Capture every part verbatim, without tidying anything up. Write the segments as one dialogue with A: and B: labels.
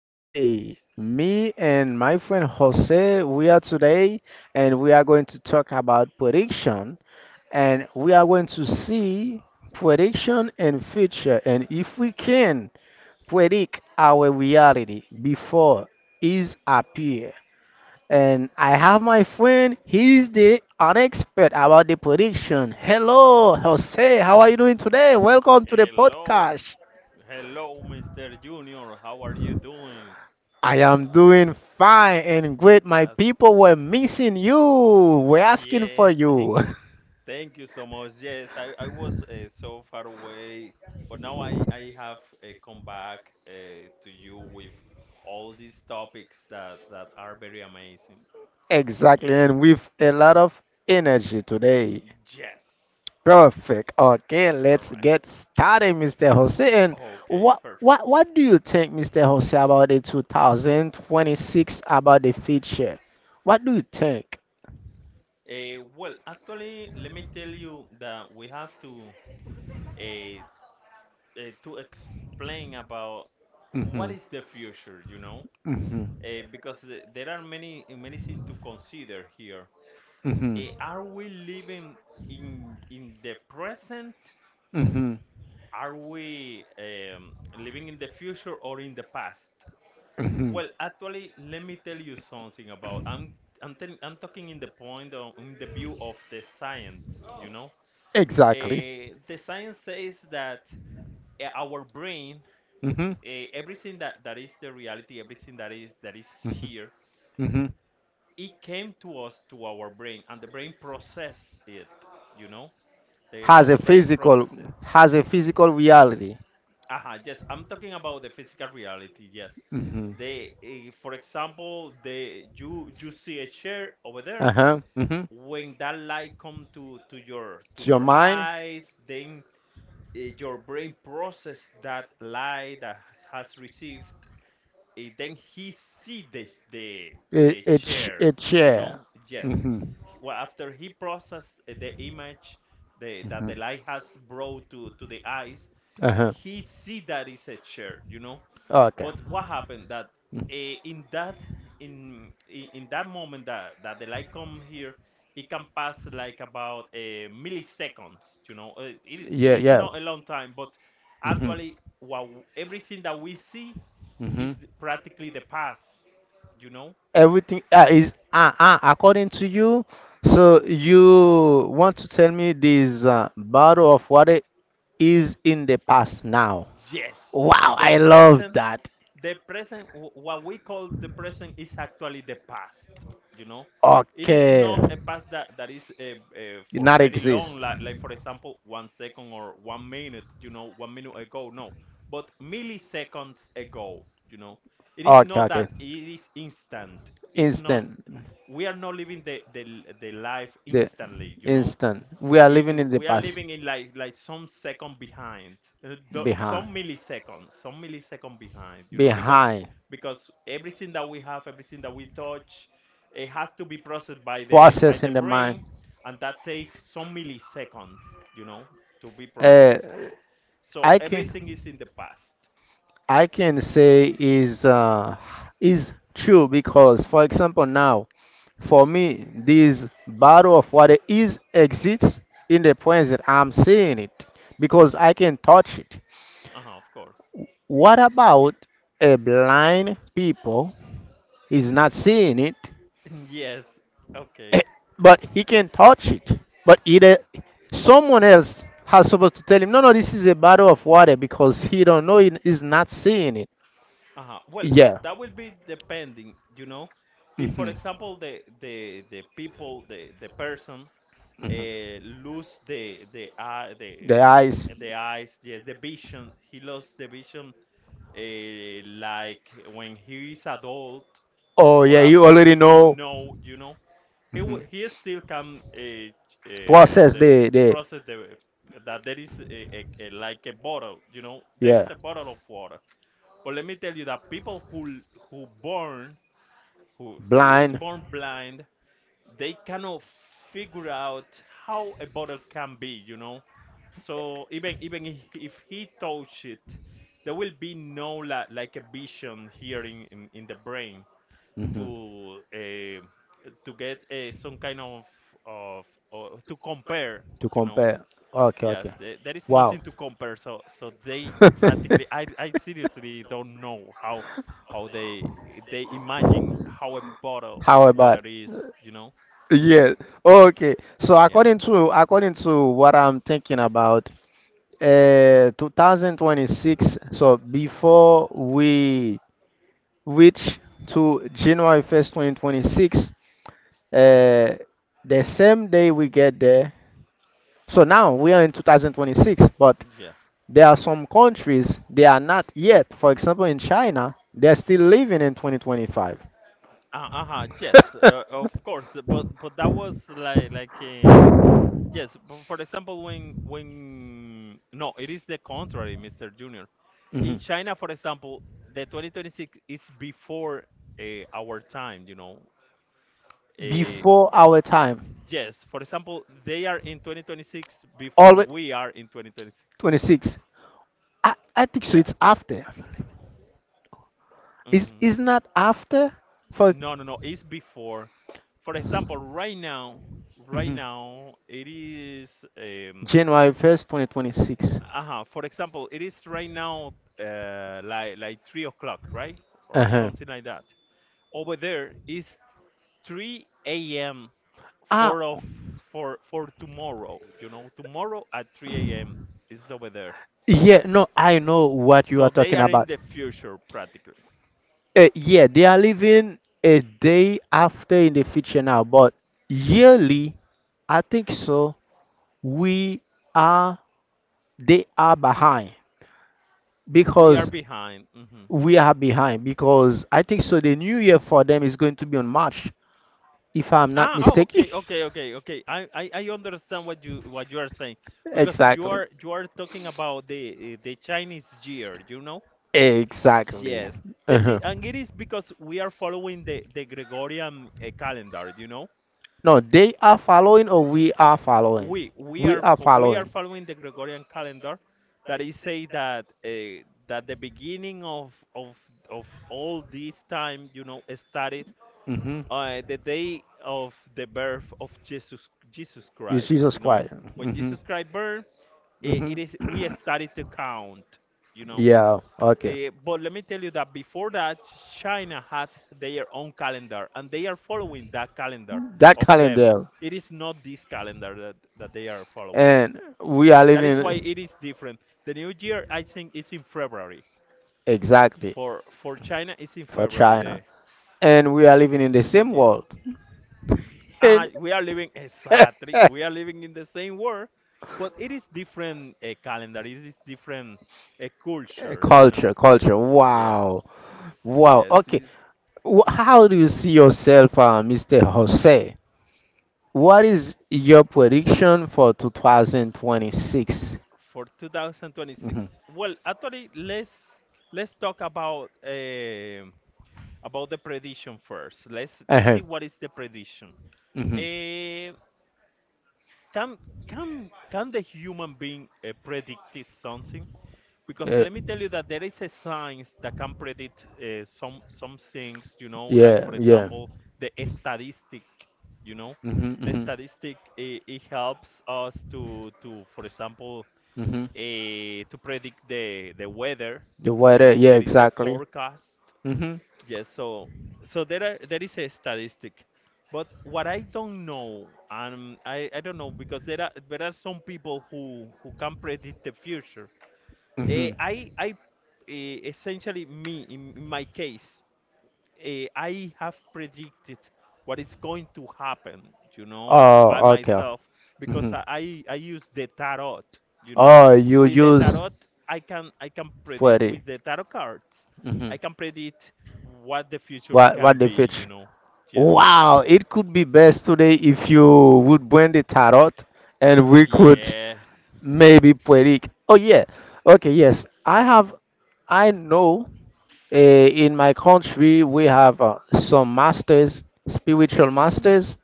A: today. Me and my friend Jose, we are today and we are going to talk about prediction and we are going to see prediction and future, and if we can predict our reality before is appear. And I have my friend, he's the an expert about the prediction. Hello, Jose, how are you doing today? Welcome to the
B: Hello,
A: podcast.
B: hello, Mister Junior. How are you doing?
A: I am doing fine and great. My
B: That's
A: people were missing you. We're asking for
B: Yes. Thank
A: you.
B: thank you so much. Yes, I I was uh, so far away, but now I I have uh, come back uh, to you with all these topics that that are very amazing.
A: Exactly,
B: Yes,
A: and with a lot of energy today.
B: yes.
A: Perfect. Okay,
B: All
A: let's
B: right.
A: get started, mister Jose. And
B: Okay,
A: what
B: perfect.
A: what what do you think, mister Jose, about the two thousand twenty-six, about the future? What do you think?
B: Uh, well, actually, let me tell you that we have to uh, uh, to explain about what
A: Mhm.
B: is the future, you know,
A: Mhm.
B: uh, because the- there are many many things to consider here.
A: Mhm.
B: Uh, are we living in in the present?
A: Mhm.
B: Are we um, living in the future or in the past?
A: Mhm.
B: Well, actually, let me tell you something about I'm I'm, telling I'm talking in the point of, in the view of the science, you know.
A: Exactly.
B: Uh, the science says that uh, our brain,
A: Hmm,
B: uh, everything that, that is the reality, everything that is that is here,
A: hmm.
B: it came to us to our brain, and the brain process it. You know, the,
A: has a
B: our brain
A: physical
B: process it.
A: has a physical reality.
B: Aha, yes, I'm talking about the physical reality. Yes,
A: Hmm.
B: the uh, for example, the you you see a chair over there.
A: Uh-huh. Hmm.
B: When that light come to to your to
A: To your
B: your
A: mind.
B: eyes, then eh, your brain process that light that has received eh, then he see the the
A: It,
B: the
A: it's sh-
B: chair
A: it's
B: you
A: share.
B: know yes
A: Hmm, hmm.
B: He- well, after he processed eh, the image the, that the light has brought to, to the eyes,
A: Uh-huh.
B: he see that it's a chair, you know.
A: Okay.
B: But what happened that
A: Mm.
B: eh, in that in i- in that moment that that the light come here, it can pass like about a milliseconds, you know. Uh, It, it
A: Yeah,
B: is
A: yeah.
B: not a long time, but
A: Hmm,
B: actually, what w- everything that we see
A: hmm.
B: is th- practically the past, you know.
A: Everything uh, is uh, uh, according to you. So you want to tell me this uh, bottle of water is in the past now?
B: Yes,
A: Wow,
B: the
A: I love
B: present,
A: that.
B: the present, wh- what we call the present is actually the past, you know? It is
A: Okay,
B: not a past that, that is uh, uh,
A: it
B: for
A: not
B: very long,
A: exist.
B: like, like for example, one second or one minute, you know, one minute ago, no. But milliseconds ago, you know? It is
A: Okay,
B: not that,
A: okay.
B: it is instant. It's not,
A: Instant.
B: We are not living the, the, the life
A: The
B: instantly, you know?
A: instant. We are
B: I-
A: living
B: i-
A: in the
B: we are
A: past.
B: living in like like some second behind, uh, do-
A: Behind.
B: some milliseconds, some millisecond behind. You know, because
A: Behind.
B: because everything that we have, everything that we touch, it has to be processed by the by
A: Process
B: the
A: in the mind.
B: brain, and that takes some milliseconds. You know, to be
A: Uh,
B: processed. So
A: I can
B: everything is in the past.
A: I can say is uh, is true because, for example, now for me this battle of what is exists in the present. I'm seeing it because
B: Mhm.
A: I can touch it.
B: Uh-huh, of course.
A: What about a blind people? He's not seeing it,
B: Yes.
A: eh,
B: Okay.
A: but he can touch it. But either
B: Yeah.
A: someone else has supposed to tell him, no, no, this is a bottle of water because he don't know it is not seeing it.
B: Uh-huh. Well,
A: Yeah.
B: that will be depending, you know. If, for
A: Hmm,
B: example, the the the people, the the person
A: hmm.
B: uh, lose the the eye, the
A: The eyes.
B: the eyes, yes, the vision. He lost the vision, uh, like when he is adult
A: Oh
B: or
A: yeah, you
B: after
A: already
B: he
A: know.
B: know, you know, he wi- he still can uh, ch- uh,
A: Process
B: the, the
A: the the
B: process the that there is a, a, a, like a bottle, you know, there is
A: Yeah,
B: a bottle of water. But let me tell you that people who who born who who is
A: blind.
B: born blind, they cannot figure out how a bottle can be, you know. So even even if if he touch it, there will be no like, like a vision here in, in, in the brain
A: Hmm.
B: to uh, to get uh, some kind of of or to compare,
A: uh,
B: you know.
A: compare. Okay,
B: Yes,
A: okay.
B: the- there is
A: Wow.
B: nothing to compare. So, so they practically, I, I seriously don't know how, how they, they imagine how a bottle of water
A: About?
B: is. You know?
A: Yeah. Okay. So
B: Yeah,
A: according to according to what I'm thinking about, uh, two thousand twenty-six. So before we reach to January first, twenty twenty-six, uh, the same day we get there. So now we are in two thousand twenty-six, but
B: yeah.
A: there are some countries they are not yet. For example, in China, they're still living in twenty twenty-five.
B: Uh, uh-huh, yes, uh, of course. But, but that was, like, like, uh, yes. But for example, when, when, no, it is the contrary, Mister Junior. In
A: Mhm.
B: China, for example, the twenty twenty-six is before uh, our time. You know. uh,
A: Before our time.
B: Yes, for example, they are in twenty twenty-six before
A: Always
B: we are in twenty twenty-six.
A: twenty-six. I, I think so.
B: Yeah.
A: It's after. Is
B: Hmm.
A: is not after for.
B: No, no, no. It's before. For example, right now, right
A: Mhm.
B: now it is. Um,
A: January first, twenty twenty-six.
B: uh For example, it is right now uh, like like three o'clock, right,
A: Uh
B: or
A: huh.
B: something like that. Over there is three a m
A: Ah,
B: for of for for tomorrow. You know, tomorrow at three a m is over there.
A: yeah, no, I know what you are
B: So they
A: talking
B: are in
A: about.
B: the future practically.
A: Uh, yeah, they are living a day after in the future now, but
B: Mhm.
A: yearly, I think so, we are, they are behind
B: We are
A: because
B: behind. Hmm.
A: we are behind because I think so the new year for them is going to be on March, if I'm not
B: Ah, oh,
A: mistaken.
B: okay, okay, okay, okay. I, I, I understand what you what you are saying because you
A: Exactly.
B: are you are talking about the the Chinese year, you know?
A: Exactly.
B: Yes, yes,
A: Uh-huh.
B: it- and it is because we are following the the Gregorian uh, calendar, you know?
A: No, they are following or we are following?
B: We we
A: We
B: are
A: are
B: fo- we are
A: following.
B: following the Gregorian calendar that is say that uh, that the beginning of of of all this time, you know, started
A: Hmm.
B: uh, the day of the birth of Jesus Jesus
A: It's
B: Christ.
A: Jesus
B: You know,
A: Christ.
B: when
A: Hmm,
B: Jesus Christ birth, eh,
A: hmm.
B: it is we started to count. You know.
A: Yeah, okay.
B: Eh, but let me tell you that before that, China had their own calendar, and they are following that calendar
A: That
B: of them.
A: calendar.
B: It is not this calendar that, that they are following.
A: And we are
B: That is why it
A: living
B: is different. The new year, I think, is in February.
A: exactly
B: For for China, it's in
A: for
B: February.
A: China.
B: The
A: And we are living in the
B: the new
A: same
B: year.
A: world.
B: Uh,
A: And
B: we are living exactly. We are living in the same world, but it is different uh, calendar. It is different uh, culture. You know.
A: culture, culture.
B: Yeah.
A: Wow. Wow.
B: Yes.
A: Okay.
B: It's
A: Wh- How do you see yourself, uh, mister Jose? What is your prediction for two thousand twenty-six?
B: for
A: Mhm.
B: two thousand twenty-six. Well, actually, let's let's talk about um about the prediction first. Let's let's
A: Uh-huh.
B: see what is the prediction.
A: Mhm.
B: Eh, can can can the human being uh, predict something? Because
A: Uh,
B: let me tell you that there is a science that can predict uh, some some things, you know, like
A: yeah,
B: for
A: yeah.
B: example the statistic, you know,
A: Mhm,
B: the
A: mhm.
B: statistic it, it helps us to to for example
A: Mhm.
B: uh, to predict the the weather,
A: The
B: you
A: weather,
B: know,
A: yeah,
B: there is a
A: exactly.
B: forecast.
A: Mhm.
B: Yes, so so there are, there is a statistic, but what I don't know, um, I I don't know because there are there are some people who who can predict the future. Eh,
A: Mhm.
B: I, I eh, essentially me in, in my case, eh, I have predicted what is going to happen, you know, by
A: Oh, okay.
B: myself because
A: Hmm.
B: I, I I use the tarot, you know.
A: Oh, you
B: With the
A: use
B: tarot, I can I can predict
A: poetry.
B: with the tarot cards,
A: Hmm.
B: I can predict what the future
A: What
B: can
A: what the
B: be, you
A: fish?
B: know. Yes.
A: Wow, it could be best today if you would bring the tarot and we could
B: Yes.
A: maybe poetic. Oh yeah. Okay, yes. I have I know, uh, in my country we have uh, some masters, spiritual
B: Mm.
A: masters,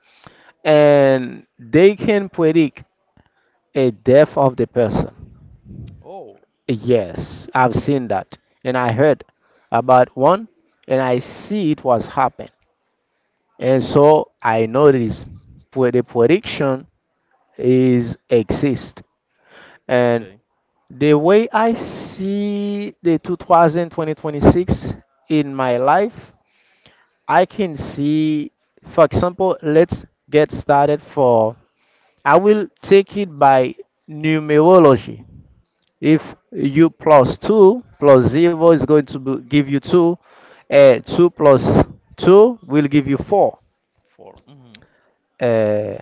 A: and they can predict a death of the person.
B: Oh.
A: Yes, I've seen that, and I heard about one, and I see it was happen, and
B: Mm.
A: so I noticed where the prediction is exist, and
B: Okay.
A: the way I see the two thousand twenty twenty-six in my life, I can see, for example, let's get started for. I will take it by numerology. If u plus two plus zero is going to be- give you two, uh, two plus two will give you four.
B: Four. Mm.
A: Uh,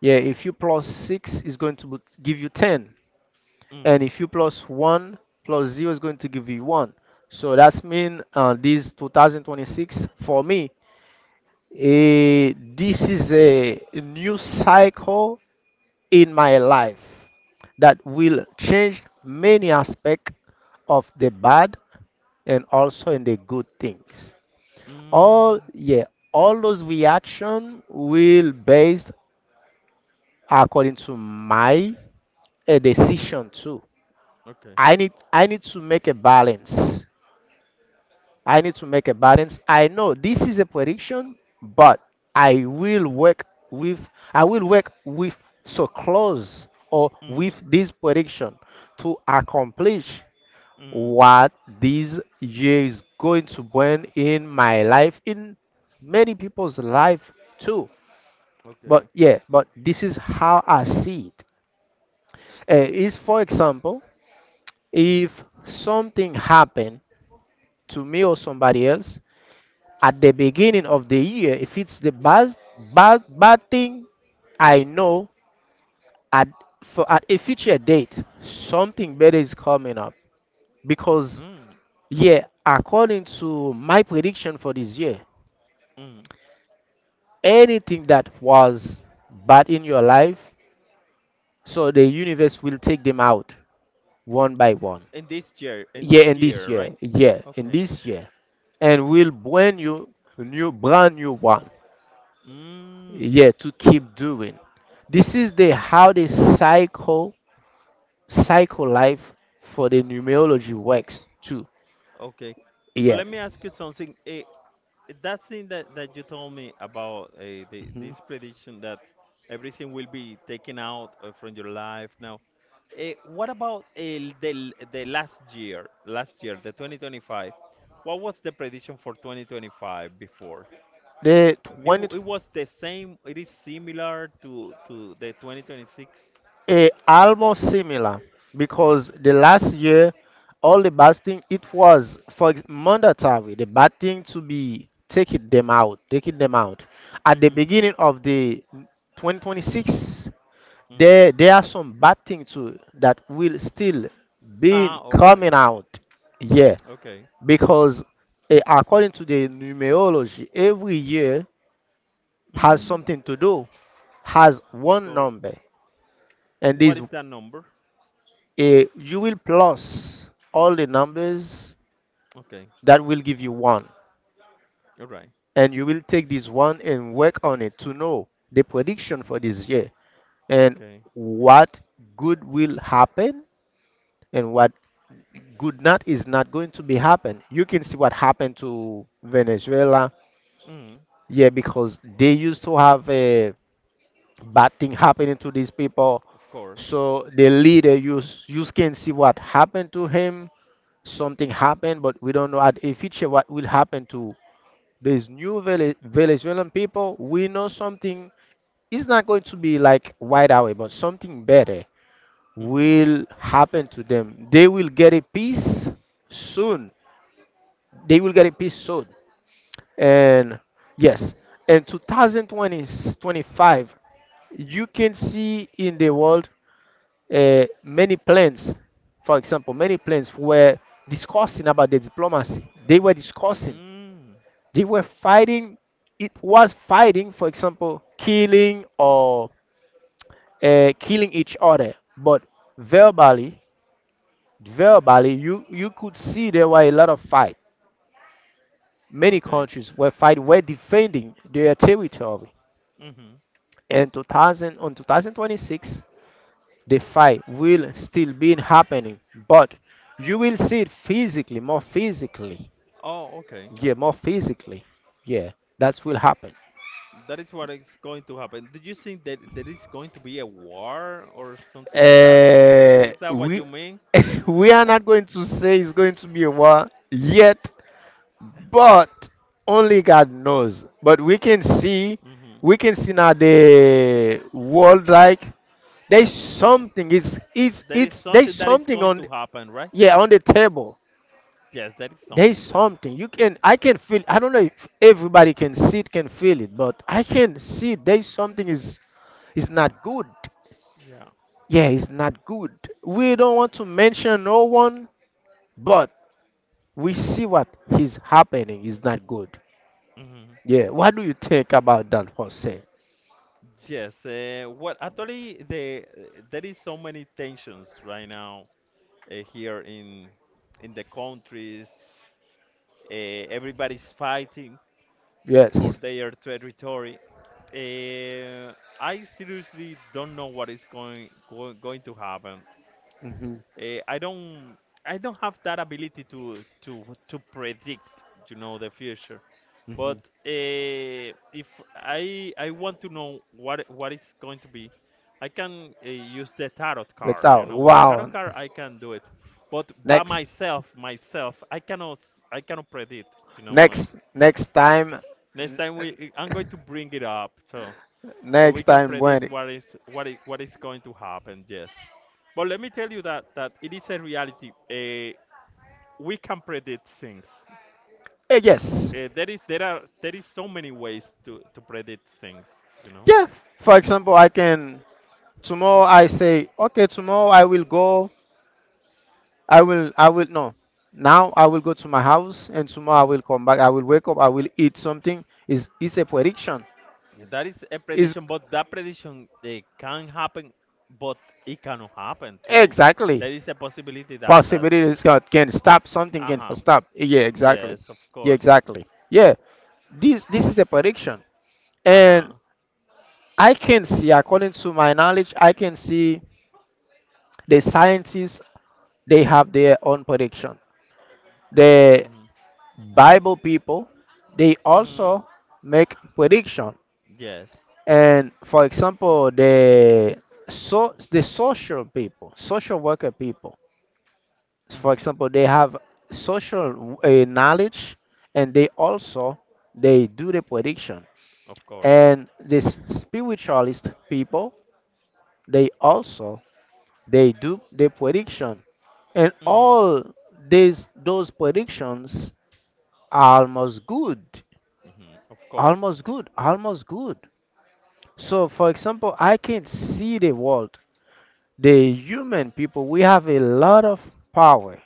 A: yeah, if u plus six is going to be- give you ten. And
B: Mm.
A: if u plus one plus zero is going to give you one. So that's mean uh, this twenty twenty-six for me, eh, this is a new cycle in my life that will change many aspects of the bad and also in the good things. All
B: Mm.
A: yeah, all those reaction will based according to my a decision too.
B: Okay.
A: I need I need to make a balance. I need to make a balance. I know this is a prediction, but I will work with I will work with so close or
B: Mm.
A: with this prediction to accomplish
B: Mm.
A: what this year is going to bring in my life, in many people's life too. But
B: Okay.
A: yeah, but this is how I see it. Uh, is, for example,
B: Mm,
A: if something happened to me or somebody else, at the beginning of the year, if it's the bad bad bad thing, I know at for at a future date something better is coming up, because,
B: mm,
A: yeah, according to my prediction for this year,
B: mm.
A: anything that was bad in your life, so the universe will take them out one by one.
B: In this year, in
A: Yeah,
B: this
A: in this
B: year,
A: year.
B: right?
A: Yeah, in
B: Okay.
A: this year, and will bring you new, brand new one.
B: Mm,
A: Yeah, to keep doing. This is the how the cycle cycle life for the numerology works too.
B: okay. But
A: Yeah.
B: let me ask you something. Eh, that thing that, that you told me about eh, the,
A: Hmm.
B: this prediction that everything will be taken out uh, from your life now. Eh, what about eh, the, the last year, last year, the twenty twenty-five? What was the prediction for twenty twenty-five before?
A: The
B: It, w-
A: twenty,
B: it was the same, it is similar to, to the two thousand twenty-six?
A: eh, almost similar, because the last year all the bad thing, it was for ex- mandatory, the bad thing to be taking them out taking them out at the
B: Hmm.
A: beginning of the twenty twenty-six.
B: Hmm.
A: There there are some bad things too that will still be
B: Ah, all right.
A: coming out. Yeah.
B: Okay.
A: Because, eh, according to the numerology, every year has
B: Mm,
A: something to do, has
B: of
A: one
B: course.
A: number. And
B: What
A: this,
B: is that number?
A: eh, you will plus all the numbers
B: Okay.
A: that will give you one,
B: All right.
A: and you will take this one and work on it to know the prediction for this year, and
B: Okay.
A: what good will happen, and what good not is not going to be happen. You can see what happened to Venezuela.
B: Mm,
A: Yeah, because they used to have a bad thing happening to these people.
B: of course.
A: So the leader, you s- you can see what happened to him. Something happened, but we don't know at a future what will happen to these new Vele- Venezuelan people. We know something is not going to be like right away, but something better
B: Mm-hmm.
A: will happen to them. They will get a peace soon. They will get a piece sold. And yes, in twenty twenty-five, you can see in the world, uh, many plans, for example, many plans were discussing about the diplomacy. They were discussing,
B: Mm,
A: they were fighting. It was fighting, for example, killing or uh, killing each other. But verbally, verbally, you you could see there were a lot of fight. Many
B: okay.
A: countries were fighting, were defending their territory.
B: Mm-hmm.
A: And two thousand, on two thousand twenty-six, the fight will still be happening, but you will see it physically, more physically.
B: Oh, okay.
A: Yeah, more physically. Yeah, that will happen.
B: That is what is going to happen. Do you think that there is going to be a war or something like that?
A: Uh,
B: Is that what
A: we
B: you mean?
A: we are not going to say it's going to be a war yet, but only God knows. But we can see,
B: Mm-hmm.
A: we can see now the world like there's
B: Mm-hmm.
A: something. It's it's
B: There is
A: it's there's
B: something that is
A: something
B: going
A: on.
B: to happen, right?
A: Yeah, on the table.
B: Yes, there is
A: There's
B: something there.
A: something you can I can feel. I don't know if everybody can see it, can feel it, but I can see there's something is is not good.
B: Yeah.
A: Yeah, it's not good. We don't want to mention no one, but we see what is happening is not good.
B: Mm-hmm.
A: Yeah, what do you think about that, Jose?
B: Yes, uh, well, actually, the eh, there is so many tensions right now uh, here in in the countries. Uh, Everybody's fighting for
A: Yes.
B: their territory. Uh, I seriously don't know what is going go, going to happen.
A: Hmm,
B: Uh, I don't I don't have that ability to to to predict, you know, the future.
A: hmm.
B: But uh, if I I want to know what what it's going to be, I can uh, use the tarot card. You
A: Without.
B: know, with the tarot
A: Wow.
B: card I can do it, but by
A: Next,
B: myself, myself I cannot I cannot predict. You know, like
A: next, next time,
B: next time we I'm going to bring it up so so
A: next
B: we can
A: time
B: predict
A: when.
B: what is what is, what is going to happen. Yes, but let me tell you that that it is a reality. Uh, we can predict things.
A: Uh, yes.
B: Uh, there is there are there is so many ways to to predict things, you know.
A: Yeah. For example, I can tomorrow I say, okay, tomorrow I will go. I will. I will no. Now I will go to my house, and tomorrow I
B: Mhm.
A: will come back. I will wake up. I will eat something. Is it's a prediction.
B: Yeah, that is a
A: Is
B: prediction, but that prediction they can happen, but it cannot happen too.
A: exactly
B: There is a possibility that that
A: possibilities can, can
B: does.
A: stop. Something
B: Uh
A: can
B: huh.
A: stop. Yeah. Exactly.
B: Yes, of
A: Yeah.
B: course.
A: Exactly. Yeah. This this is a prediction,
B: Uh
A: and
B: huh.
A: I can see, according to my knowledge, I can see the scientists, they have their own prediction. The
B: Mhm.
A: Bible people, they
B: Mhm.
A: also make prediction.
B: Yes.
A: And for example, the so the social people, social worker people, for
B: Mhm.
A: example, they have social uh, knowledge, and they also they do the prediction.
B: Of course.
A: And the spiritualist people, they also they do the prediction, and
B: Mhm.
A: all these those predictions are almost good
B: Hmm. Of course,
A: almost good almost good. So for example, I can see the world, the human people, we have a lot of power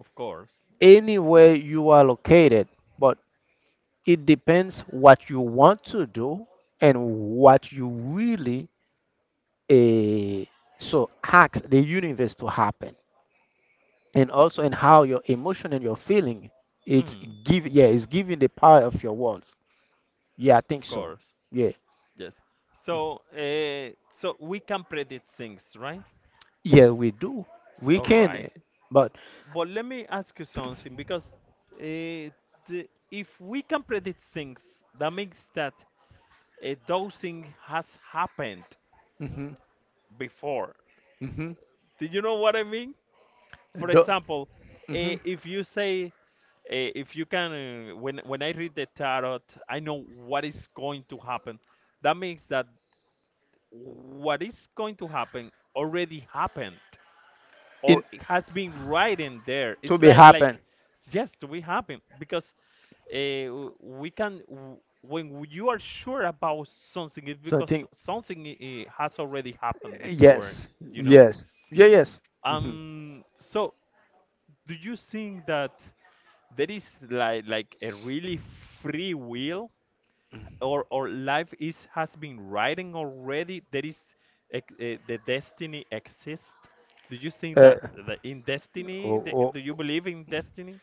B: of course,
A: anywhere you are located. But it depends what you want to do and what you really, eh, so ask the universe to happen, and also in how your emotion and your feeling, it's
B: hmm,
A: give yeah, it's giving the power of your words. Yeah, I think
B: of
A: so.
B: course.
A: Yeah.
B: Yes. So, uh, so we can predict things, right?
A: Yeah, we do, we
B: All
A: can, eh,
B: right.
A: but
B: But let me ask you something because uh, the, if we can predict things, that means that uh, those things has happened
A: mm-hmm,
B: before.
A: mm-hmm,
B: Do you know what I mean? For
A: do,
B: example,
A: hmm,
B: uh, if you say uh, if you can uh, when when I read the tarot, I know what is going to happen. That means that what is going to happen already happened, or
A: in
B: it has been right in there.
A: to
B: It's
A: be
B: like like
A: happen.
B: it's just we happen because, uh, we can w- when you are sure about something, it's
A: So I
B: because
A: think,
B: something i- has already happened before,
A: yes,
B: you know
A: yes, yeah, yes. Hmm.
B: um so do you think that there is like like a really free will? Or or life is has been writing already. There is, ex- eh, the destiny exists. Do you think
A: uh,
B: that the, in destiny,
A: oh,
B: the,
A: oh.
B: do you believe in destiny?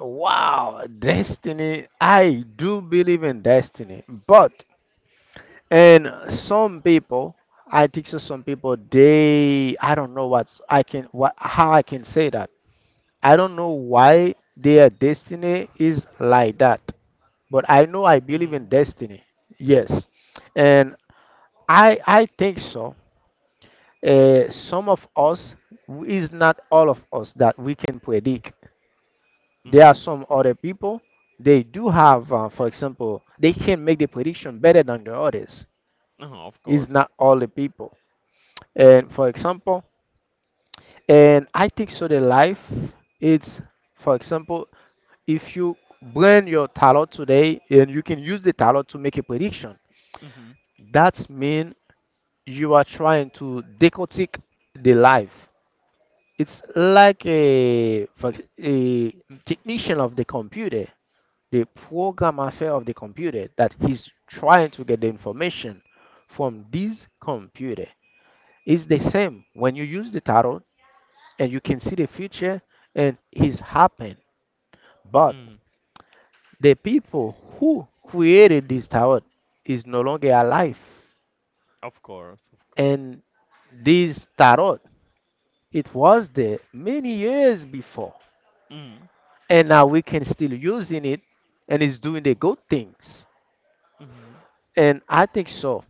A: Wow, destiny. I do believe in destiny, but and some people, I think so some people they I don't know what's I can what how I can say that. I don't know why their destiny is like that. But I know I believe in
B: Mm-hmm.
A: destiny. Yes. And I I think so. Uh, some of us is not all of us that we can predict. There are
B: Mm-hmm.
A: some other people, they do have, uh, for example, they can make the prediction better than the others.
B: Uh-huh, of
A: It's
B: course.
A: not all the people. And for example, and I think so the life it's for example, if you blend your tarot today and you can use the tarot to make a prediction,
B: Mm-hmm.
A: that's mean you are trying to decodic the life. It's like a, for ex- a technician of the computer, the program affair of the computer that he's trying to get the information from this computer, is the same when you use the tarot and you can see the future and it's happened. But
B: Mm.
A: the people who created this tarot is no longer alive,
B: Of course, of course.
A: and this tarot it was there many years before,
B: Mm.
A: and now we can still using it and it's doing the good things.
B: Mm-hmm.
A: And I think so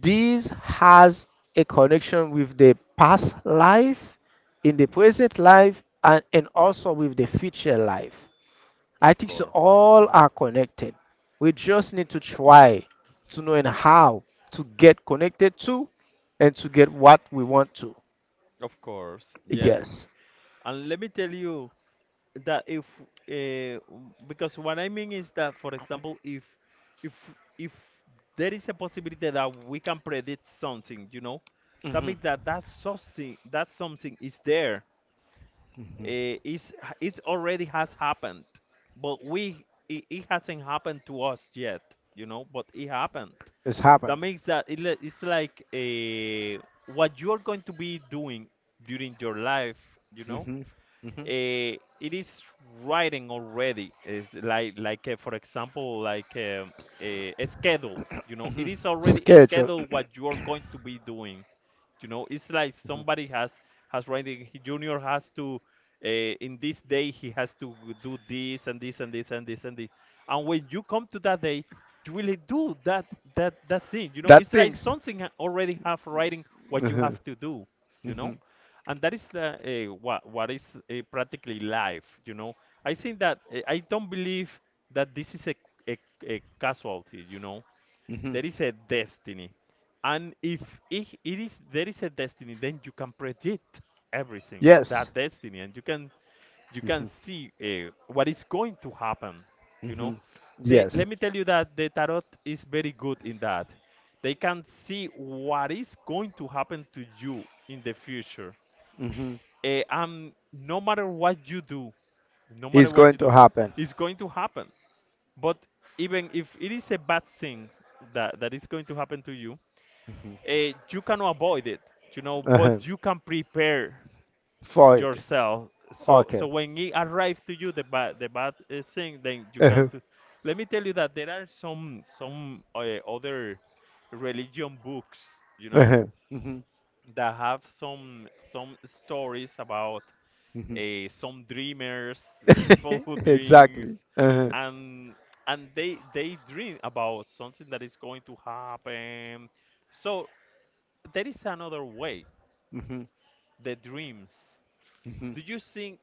A: this has a connection with the past life, in the present life, and, and also with the future life. I
B: Of
A: think so
B: course.
A: all are connected. We just need to
B: Hmm.
A: try to know and how to get connected to and to get what we want to.
B: Of course, yes.
A: Yes.
B: And let me tell you, that if uh, because what I mean is that, for example, if if if there is a possibility that we can predict something, you know, that
A: Hmm.
B: means that, that something that something is there, uh, is it already has happened, but we it, it hasn't happened to us yet, you know, but it happened.
A: It's
B: That
A: happened.
B: makes that, it, li- it's like, uh, what you're going to be doing during your life, you
A: Hmm.
B: know.
A: Hmm.
B: Uh, it is writing already. Is like like uh, for example, like um, a, a schedule, you know. It is already a
A: Schedule.
B: schedule what you are going to be doing, you know. It's like somebody has, has writing he- junior has to, uh, in this day he has to do this and this and this and this and this, and when you come to that day you really do that, that that thing, you know.
A: That
B: It's like
A: things.
B: something ha- already have writing what you
A: Mhm.
B: have to do, you know.
A: Mhm.
B: And that is the, uh, what what is uh, practically life, you know. I think that, uh, I don't believe that this is a, a, a casualty, you know.
A: Mhm.
B: There is a destiny. And if, it, it is there is a destiny, then you can predict everything,
A: Yes.
B: that destiny, and you can, you can
A: Mhm.
B: see, uh, what is going to happen, you know.
A: Mhm.
B: They,
A: Yes.
B: let me tell you that the tarot is very good in that. They can see what is going to happen to you in the future.
A: Mhm.
B: Eh, and no matter what you do, no matter
A: It's
B: what you
A: going to
B: do,
A: happen.
B: it's going to happen. But even if it is a bad thing that, that is going to happen to you, eh, you cannot avoid it, you know, but
A: Uh-huh.
B: you can prepare
A: For it.
B: yourself. So,
A: Okay.
B: so when it arrives to you, the bad, the bad, eh, thing, then you can.
A: Uh-huh.
B: do- Let me tell you that there are some some uh, other religion books, you know,
A: Uh-huh. Hmm.
B: that have some some stories about
A: Hmm.
B: uh, some dreamers, uh, people who dreams,
A: Exactly. Uh-huh.
B: and and they they dream about something that is going to happen. So there is another way,
A: Hmm.
B: the dreams.
A: Hmm.
B: Do you think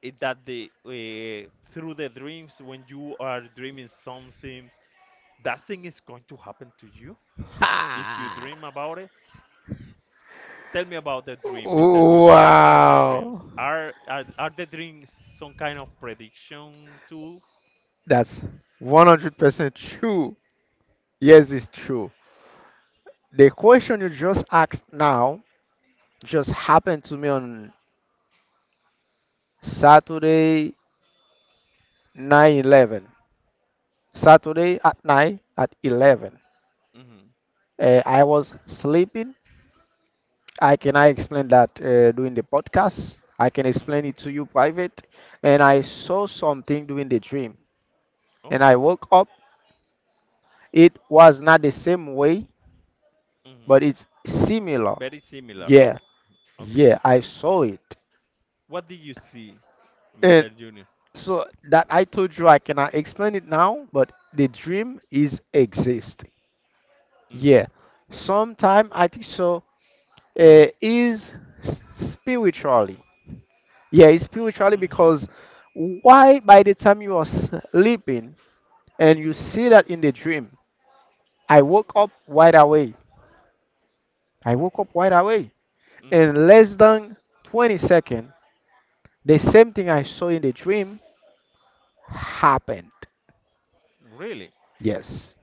B: it- that the, uh, through the dreams, when you are dreaming something, that thing is going to happen to you if you
A: Ha!
B: dream about it? Tell me about the dream, Mister Junior. What are the dreams?
A: Wow.
B: Are are, are the dreams some kind of prediction tool?
A: That's one hundred percent true. Yes, it's true. The question you just asked now just happened to me on Saturday nine eleven. Saturday at night at eleven.
B: Mm-hmm.
A: Uh, I was sleeping. I cannot explain that uh, during the podcast. I can
B: Hmm.
A: explain it to you private. And I saw something during the dream. And
B: Oh.
A: I woke up. It was not the same way, but
B: Hmm.
A: it's similar.
B: Very similar.
A: Yeah, yeah,
B: Okay.
A: I saw it.
B: What did you see,
A: And
B: Mister Junior?
A: so that I told you I cannot explain it now, but the dream is exist.
B: Hmm.
A: Yeah. Sometime I think so uh, is s- spiritually. Yeah, it's spiritually
B: Hmm.
A: because why by the time you are sleeping and you see that in the dream, I woke up wide awake. I woke up wide awake.
B: Hmm.
A: In less than twenty seconds, the same thing I saw in the dream happened.
B: Really?
A: Yes.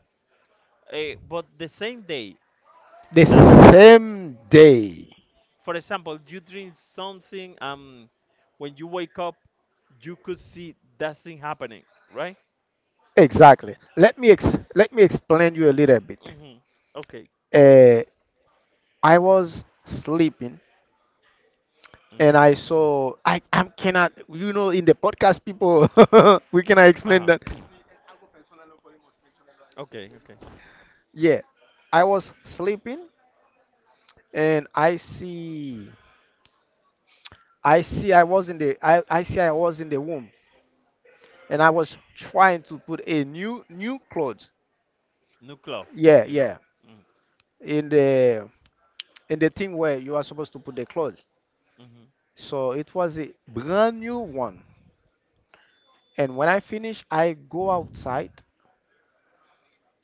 B: Eh, but the same day,
A: The
B: doesn't happen.
A: same day.
B: For example, you dream something, um, when you wake up, you could see that thing happening, right?
A: Exactly. Let me ex- let me explain you a little bit.
B: Hmm. Okay.
A: Uh, I was sleeping
B: Hmm.
A: and I saw I I cannot you know in the podcast people we cannot explain
B: Uh-huh.
A: that.
B: Okay, okay.
A: Yeah, I was sleeping and I see I see I was in the I, I see I was in the womb and I was trying to put a new new clothes.
B: New cloth,
A: Yeah,
B: you know?
A: yeah.
B: Mm.
A: In the in the thing where you are supposed to put the clothes.
B: Hmm.
A: So it was a brand new one. And when I finish, I go outside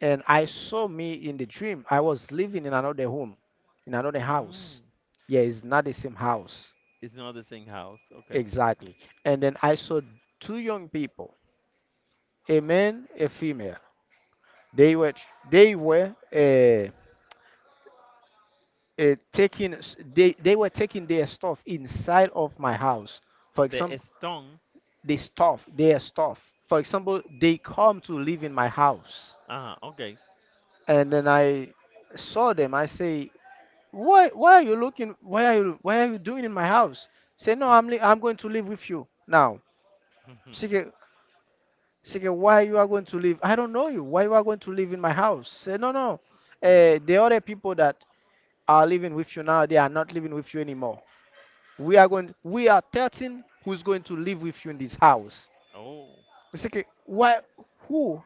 A: and I saw me in the dream. I was living in another home, in another house.
B: Mm.
A: Yeah, it's not the same house.
B: It's not the same house. Okay.
A: Exactly. And then I saw two young people, a man, a female. They were they were uh, uh, taking s- they they were taking their stuff inside of my house. For
B: The
A: example,
B: stone.
A: the stuff, their stuff. For example, they come to live in my house,
B: Ah, okay.
A: and then I saw them. I say, Why why are you looking why are you why are you doing in my house? Say no, I'm li- I'm going to live with you now.
B: Mhm.
A: She get, she get, why you are going to live? I don't know you. Why you are going to live in my house? Say no, no. Uh, the other people that are living with you now, they are not living with you anymore. We are going we are thirteen who's going to live with you in this house.
B: Oh.
A: She get, why who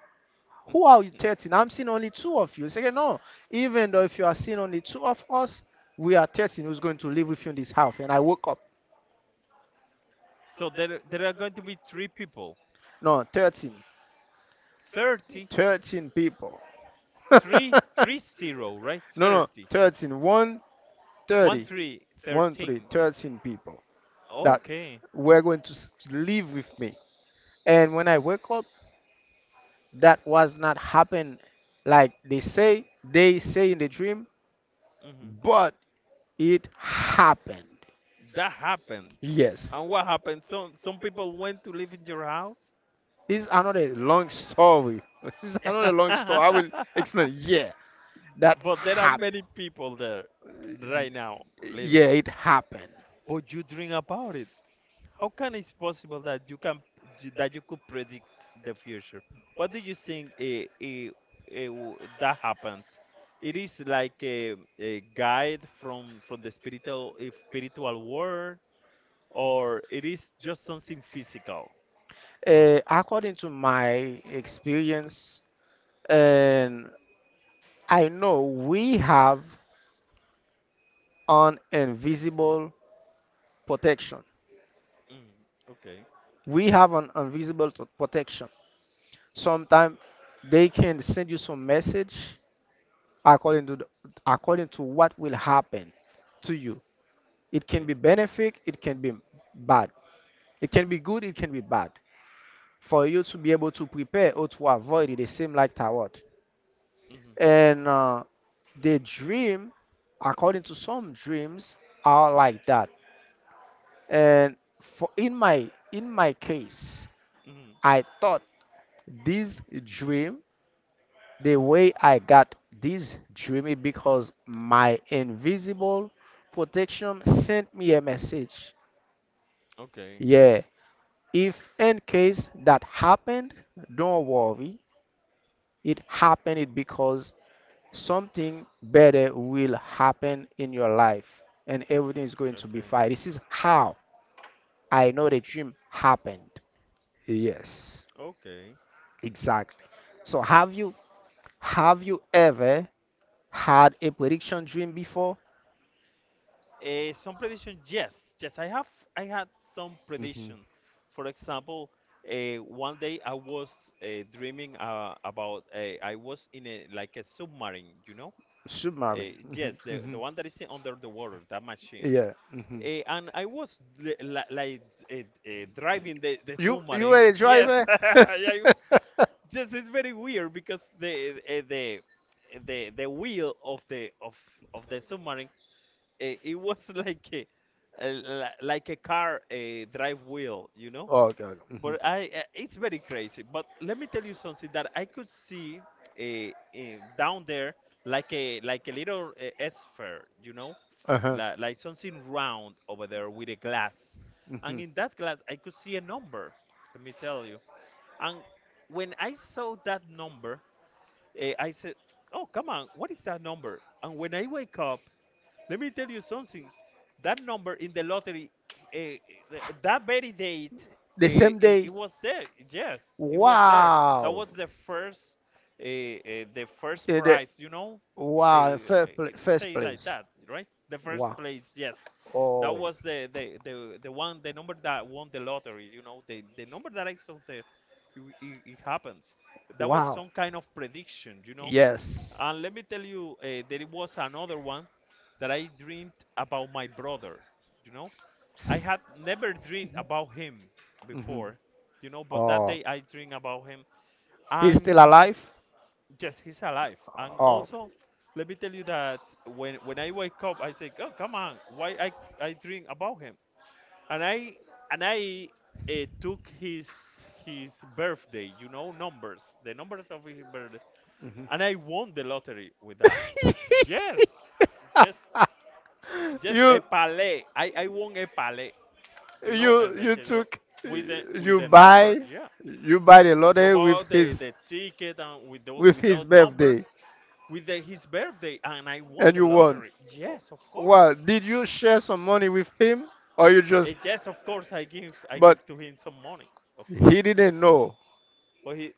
A: who are you thirteen? I'm seeing only two of you. She get, no. Even though if you are seeing only two of us, we are thirteen who's going to live with you in this house. And I woke up.
B: So there there are going to be three people.
A: No, thirteen.
B: Thirty,
A: thirteen people.
B: three three zero, right?
A: No, no,
B: thirty.
A: thirteen.
B: 1
A: one hundred thirty.
B: 3
A: one three.
B: thirteen.
A: thirteen people that
B: Okay.
A: were going to, s- to live with me. And when I wake up, that was not happen like they say, they say in the dream,
B: Hmm.
A: but it happened.
B: That happened.
A: Yes.
B: And what happened? Some some people went to live in your house?
A: It's another long story. This is another long story. I will explain. Yeah, that
B: But there are
A: happened.
B: many people there right now
A: Yeah,
B: living.
A: it happened.
B: But you dream about it. How can it's possible that you can that you could predict the future? What do you think, eh, eh, eh, w- that happened? It is like, a, a guide from from the spiritual, eh, spiritual world, or it is just something physical.
A: Uh, according to my experience,
B: Hmm.
A: and I know we have an invisible protection.
B: Hmm. Okay.
A: We have an invisible t- protection. Sometimes they can send you some message according to the, according to what will happen to you. It can
B: Okay.
A: be benefit, it can be bad. It can be good, it can be bad. For you to be able to prepare or to avoid it, it seems like tarot.
B: Hmm.
A: And uh, the dream, according to some dreams, are like that. And for in my in my case,
B: Hmm.
A: I thought this dream, the way I got this dream is because my invisible protection sent me a message.
B: Okay.
A: Yeah, if in case that happened, don't worry, it happened because something better will happen in your life and everything is going to be
B: Okay.
A: fine. This is how I know the
B: Okay.
A: dream happened. Yes,
B: Okay.
A: exactly. So have you have you ever had a prediction dream before?
B: Uh, some prediction, yes, yes. I have, I had some
A: Hmm.
B: prediction. For example, uh, one day I was, uh, dreaming, uh, about, uh, I was in a like a submarine, you know.
A: Submarine.
B: Uh, yes,
A: Mhm,
B: the
A: mhm.
B: the one that is under the water, that machine.
A: Yeah. Mhm.
B: Uh, and I was li- li- like, uh, uh, driving the, the
A: You you
B: submarine.
A: were a
B: Yes,
A: driver? Okay.
B: I- yes, it's very weird because the, uh, the the the wheel of the of of the submarine it, it was like, a, a li- like a car a drive wheel, you know.
A: Okay.
B: But I, uh, it's very crazy.
A: Mhm.
B: But let me tell you something that I could see, uh, uh, down there like a like a little, uh, sphere, you know,
A: Uh huh.
B: like, like something round over there with a glass, and in that glass I could see a number. Let me tell you. And when I saw that number, uh, I said, "Oh, come on, what is that number?" And when I wake up, let me tell you something. That number in the lottery, uh, that very date, uh,
A: The same
B: it, it
A: day.
B: was there. Yes, it was there. That
A: Wow.
B: was the first, uh, uh, the first prize. You know, uh,
A: Wow, it first pla-
B: it it
A: first.
B: say like that, right? The first place.
A: That.
B: Yes, that
A: Oh.
B: was the the the, the one, the number that won the lottery. You know, the the number that I saw there, it, it, it happened. That was
A: Wow.
B: some kind of prediction. You know,
A: Yes.
B: and let me tell you, uh, there was another one that I dreamed about my brother. You know, I had never dreamed about him
A: Hmm.
B: before. You know, but that
A: Oh,
B: day I dreamed about him,
A: he's still
B: and
A: alive?
B: yes, he's alive. And
A: Oh.
B: also, let me tell you that when when I wake up, I say, "Oh, come on, why I I dream about him?" And I and I, uh, took his his birthday. You know, numbers, the numbers of his birthday, and I won the lottery with that. Yes, just just a
A: you
B: palais. I, I won a palais, you
A: you
B: know, and
A: you
B: like you
A: took,
B: with the
A: you
B: with the number.
A: buy,
B: Yeah,
A: you buy the
B: you
A: lottery with
B: bought the,
A: his
B: the ticket and with the,
A: with his
B: without number
A: birthday.
B: with the, his birthday, and I won
A: And
B: the
A: you won.
B: lottery. Yes, of course.
A: Well, did you share some money with him, or you
B: Eh,
A: just?
B: yes, of course. I give I
A: But
B: give to him some money, of
A: he
B: course.
A: didn't know.
B: But he,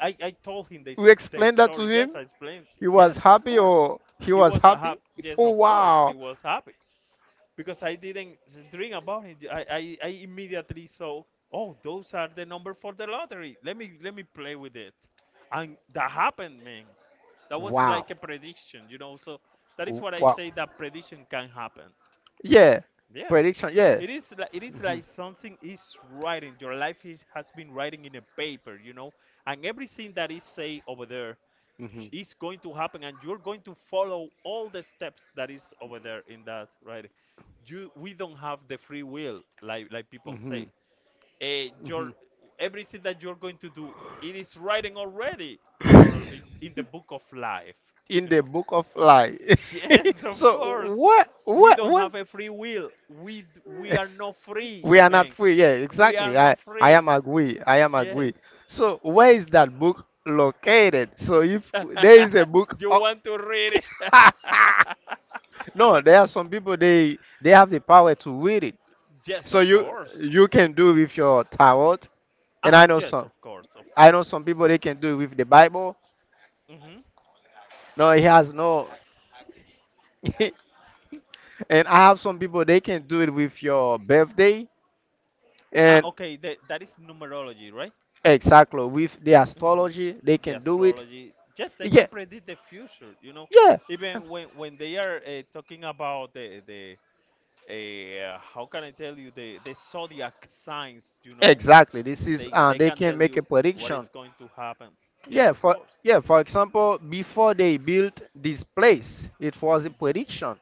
B: I, I told him the
A: You
B: the
A: explained that to
B: story. Yes,
A: him.
B: I explained.
A: He was
B: Yes, of
A: happy,
B: course.
A: or he
B: He
A: was
B: was
A: happy?
B: happy. Yes,
A: Oh,
B: of course, he
A: wow!
B: was happy. Because I didn't s- dream about it. I, I, I immediately saw, oh, those are the number for the lottery. Let me let me play with it, and that happened, man. That was
A: Wow!
B: like a prediction, you know. So that is what I
A: Wow!
B: say that prediction can happen.
A: Yeah,
B: Yes.
A: prediction. Yeah.
B: It is like it is
A: Mhm.
B: like something is writing. Your life is has been writing in a paper, you know, and everything that is say over there is going to happen, and you're going to follow all the steps that is over there in that writing. You we don't have the free will, like like people say. Uh, your everything that you're going to do, it is writing already in your in,
A: Mhm.
B: in the book of life,
A: In
B: you
A: the
B: know.
A: book of life.
B: Yes, of
A: So
B: course.
A: what?
B: We
A: What?
B: don't
A: What?
B: have a free will. We d- we are not free,
A: We are not
B: man.
A: free. Yeah,
B: We are
A: exactly. I
B: not
A: I
B: free.
A: am agree. I am
B: Yes.
A: agree. So where is that book located? So if there is a book,
B: You want to read it?
A: no, there are some people they they have the power to read it.
B: Yes,
A: So
B: of
A: you
B: course.
A: you can do with your tarot, and
B: Uh,
A: I know
B: yes,
A: some
B: of course, of
A: I
B: course.
A: know some people they can do it with the Bible.
B: Hmm.
A: No, he has no. And I have some people they can do it with your birthday.
B: Ah,
A: And
B: okay. The, that is numerology, right?
A: exactly with the
B: Hmm.
A: astrology, they
B: The
A: can do it.
B: astrology. Yes, they
A: Yeah,
B: can predict the future. You know,
A: yeah.
B: even when when they are, uh, talking about the the Eh, uh, how can I tell you the the zodiac signs? You know,
A: Exactly. This is
B: they
A: uh,
B: they
A: they
B: can
A: can
B: tell
A: make a
B: you what is
A: prediction.
B: going to happen. Yes,
A: Yeah,
B: of
A: for
B: course.
A: yeah, for example, before they built this place, it was a
B: Hmm.
A: prediction.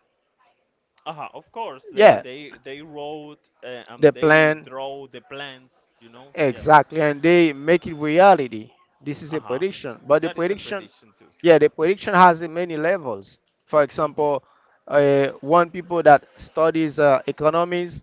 B: Uh-huh, of course, they
A: Yeah.
B: they they wrote, uh,
A: The
B: and they
A: plan,
B: draw the plans. You know, yes.
A: exactly, and they make it reality. This is a
B: Uh-huh.
A: prediction, but the
B: That is a
A: prediction,
B: prediction too.
A: yeah, the prediction has a many levels. For example,
B: Mm-hmm.
A: uh, one people that studies uh, economics,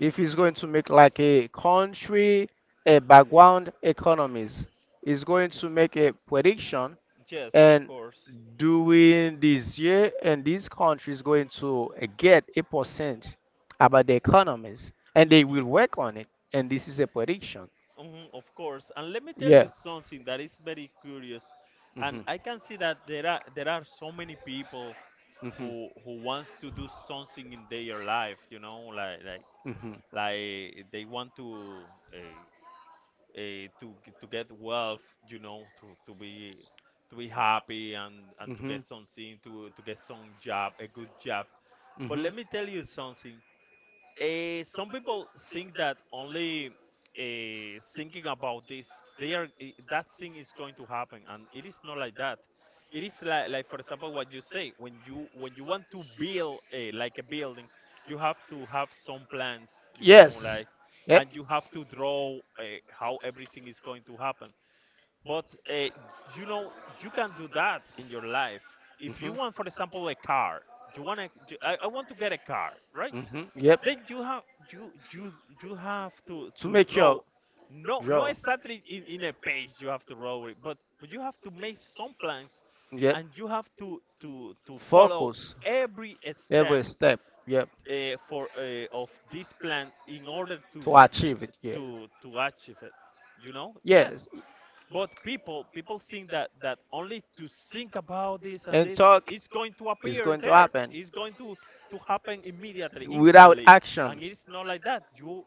A: if he's going to make like a country, a background economies, he's going
B: Okay.
A: to make a prediction.
B: Yes, of
A: And
B: course.
A: during this year and these countries going to uh, get a percent about the economies and they will
B: Mm-hmm.
A: work on it, and this is a prediction.
B: Mm-hmm, of course. And let me tell you
A: Yeah.
B: something that is very curious. And
A: Mhm.
B: I can see that there are there are so many people
A: Mhm.
B: who who wants to do something in their life, you know, like like
A: Hmm. Hmm. Hmm.
B: like they want to, uh, uh, to g- to get wealth, you know, to to be to be happy, and and to get something to to get some job, a good job, but let me tell you something, uh, some people think that only, uh, thinking about this, they are, i- that thing is going to happen, and it is not like that. It is like, like for example, what you say when you when you want to build, uh, like a building, you have to have some plans, you know,
A: Yes.
B: like,
A: Yep.
B: and you have to draw, uh, how everything is going to happen. But, uh, you know, you can do that in your life. If
A: Mhm.
B: you want, for example, a car, you want to, I, I want to get a car, right?
A: Hmm.
B: Then you have you you you have to
A: to To
B: to
A: make
B: draw,
A: your.
B: no no
A: Yo.
B: exactly in, in a page you have to draw it, but but you have to make some plans, and you have to to to follow every step
A: Step. Yep.
B: uh, for uh, of this plan in order to to to achieve it, you know.
A: Yes.
B: Yes, but people people think that that only to think about this and
A: And
B: this
A: talk
B: is going to
A: is
B: appear
A: going to
B: there,
A: happen
B: it's going to to happen immediately,
A: without
B: instantly,
A: action.
B: and it's not like that. You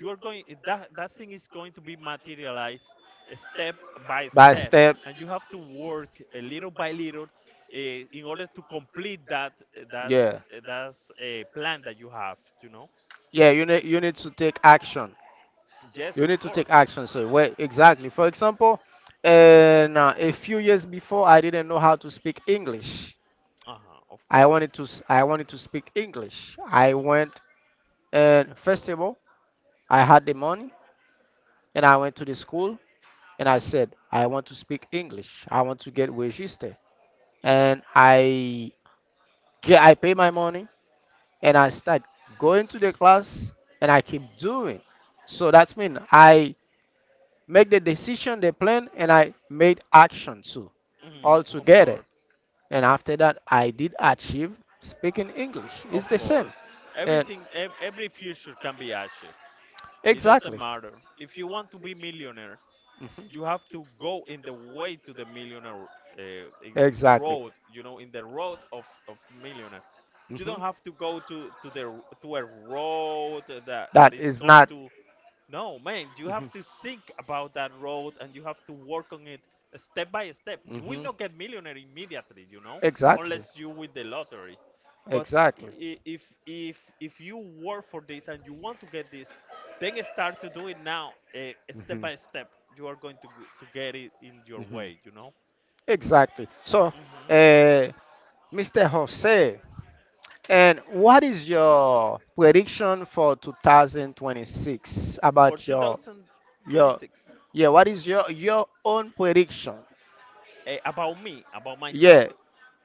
B: you are going, that that thing is going to be materialized step by
A: By
B: step,
A: step.
B: and you have to work a little by little uh, in order to complete that, eh, that's
A: Yeah.
B: eh, that's a plan that you have, you know.
A: Yeah, you need you need to take action.
B: Yes,
A: You
B: of
A: need to take
B: course.
A: action. So where exactly? For example, and uh, a few years before, I didn't know how to speak English.
B: Uh-huh, of
A: I
B: course.
A: wanted to s- I wanted to speak English. I went,
B: Mhm.
A: and first of all, I had the money and I went to the school and I
B: Mm.
A: said I want to speak English. I want to get registered.
B: Mhm.
A: And I get, I pay my money and I start going to the class and I keep doing. So that's mean I make the decision, the plan, and I made action too, all
B: Mhm. Of
A: together.
B: course.
A: And after that I did achieve speaking English.
B: Of
A: It's the same.
B: course.
A: And
B: Everything ev- every future can be achieved. It doesn't
A: exactly.
B: matter. If you want to be millionaire,
A: Mhm.
B: you have to go in the way to the millionaire uh, in, in the
A: Exactly.
B: road, you know, in the road of, of millionaire. You
A: Mhm.
B: don't have to go to, to the to a road that that
A: That
B: is
A: is
B: going
A: not.
B: to no, man, you
A: Mhm.
B: have to think about that road and you have to work on it step by step. You will not get millionaire immediately, you know,
A: Exactly.
B: unless you win the lottery. But
A: Exactly.
B: i- if if if you work for this and you want to get this, then start to do it now, uh, step by step. You are going to g- to get it in your
A: Hmm.
B: way, you know.
A: Exactly. So,
B: Hmm.
A: uh, mister Jose, and what is your prediction for two thousand twenty-six
B: For
A: about your your
B: two thousand twenty-six,
A: yeah? What is your your own prediction?
B: uh, about me, about myself.
A: Yeah.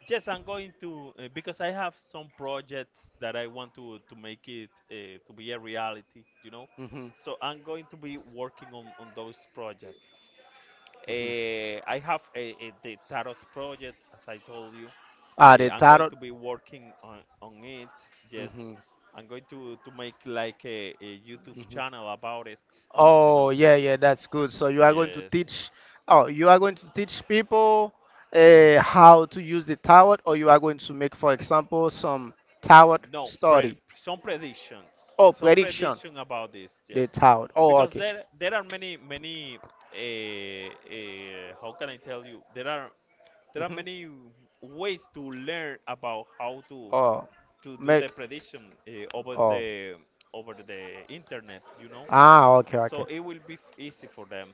B: Yes, I'm going to uh, because I have some projects that I want to to make it, uh, to be a reality, you know.
A: Mhm.
B: So I'm going to be working on on those projects.
A: Mhm.
B: Uh, I have a, a, the tarot project, as I told you.
A: Uh,
B: Eh,
A: the
B: I'm going
A: title.
B: to be working on, on it. Yes,
A: Mhm.
B: I'm going to, to make like a, a YouTube
A: Mhm.
B: channel about it, you
A: Oh,
B: know.
A: yeah, yeah, that's good. So you are going to
B: Yes.
A: teach. Oh, you are going to teach people uh, how to use the tarot, or you are going to make, for example, some tarot
B: No, pre
A: study.
B: some predictions.
A: Oh,
B: Some
A: prediction.
B: prediction about this, yes.
A: The tarot. Oh,
B: Because
A: okay.
B: there there are many many uh, uh, how can I tell you? There are there are
A: Mhm.
B: many ways to learn about how to
A: Oh,
B: to do the
A: make.
B: prediction uh, over
A: Oh.
B: the over the internet, you know.
A: Ah, okay,
B: So
A: okay,
B: it will be f- easy for them.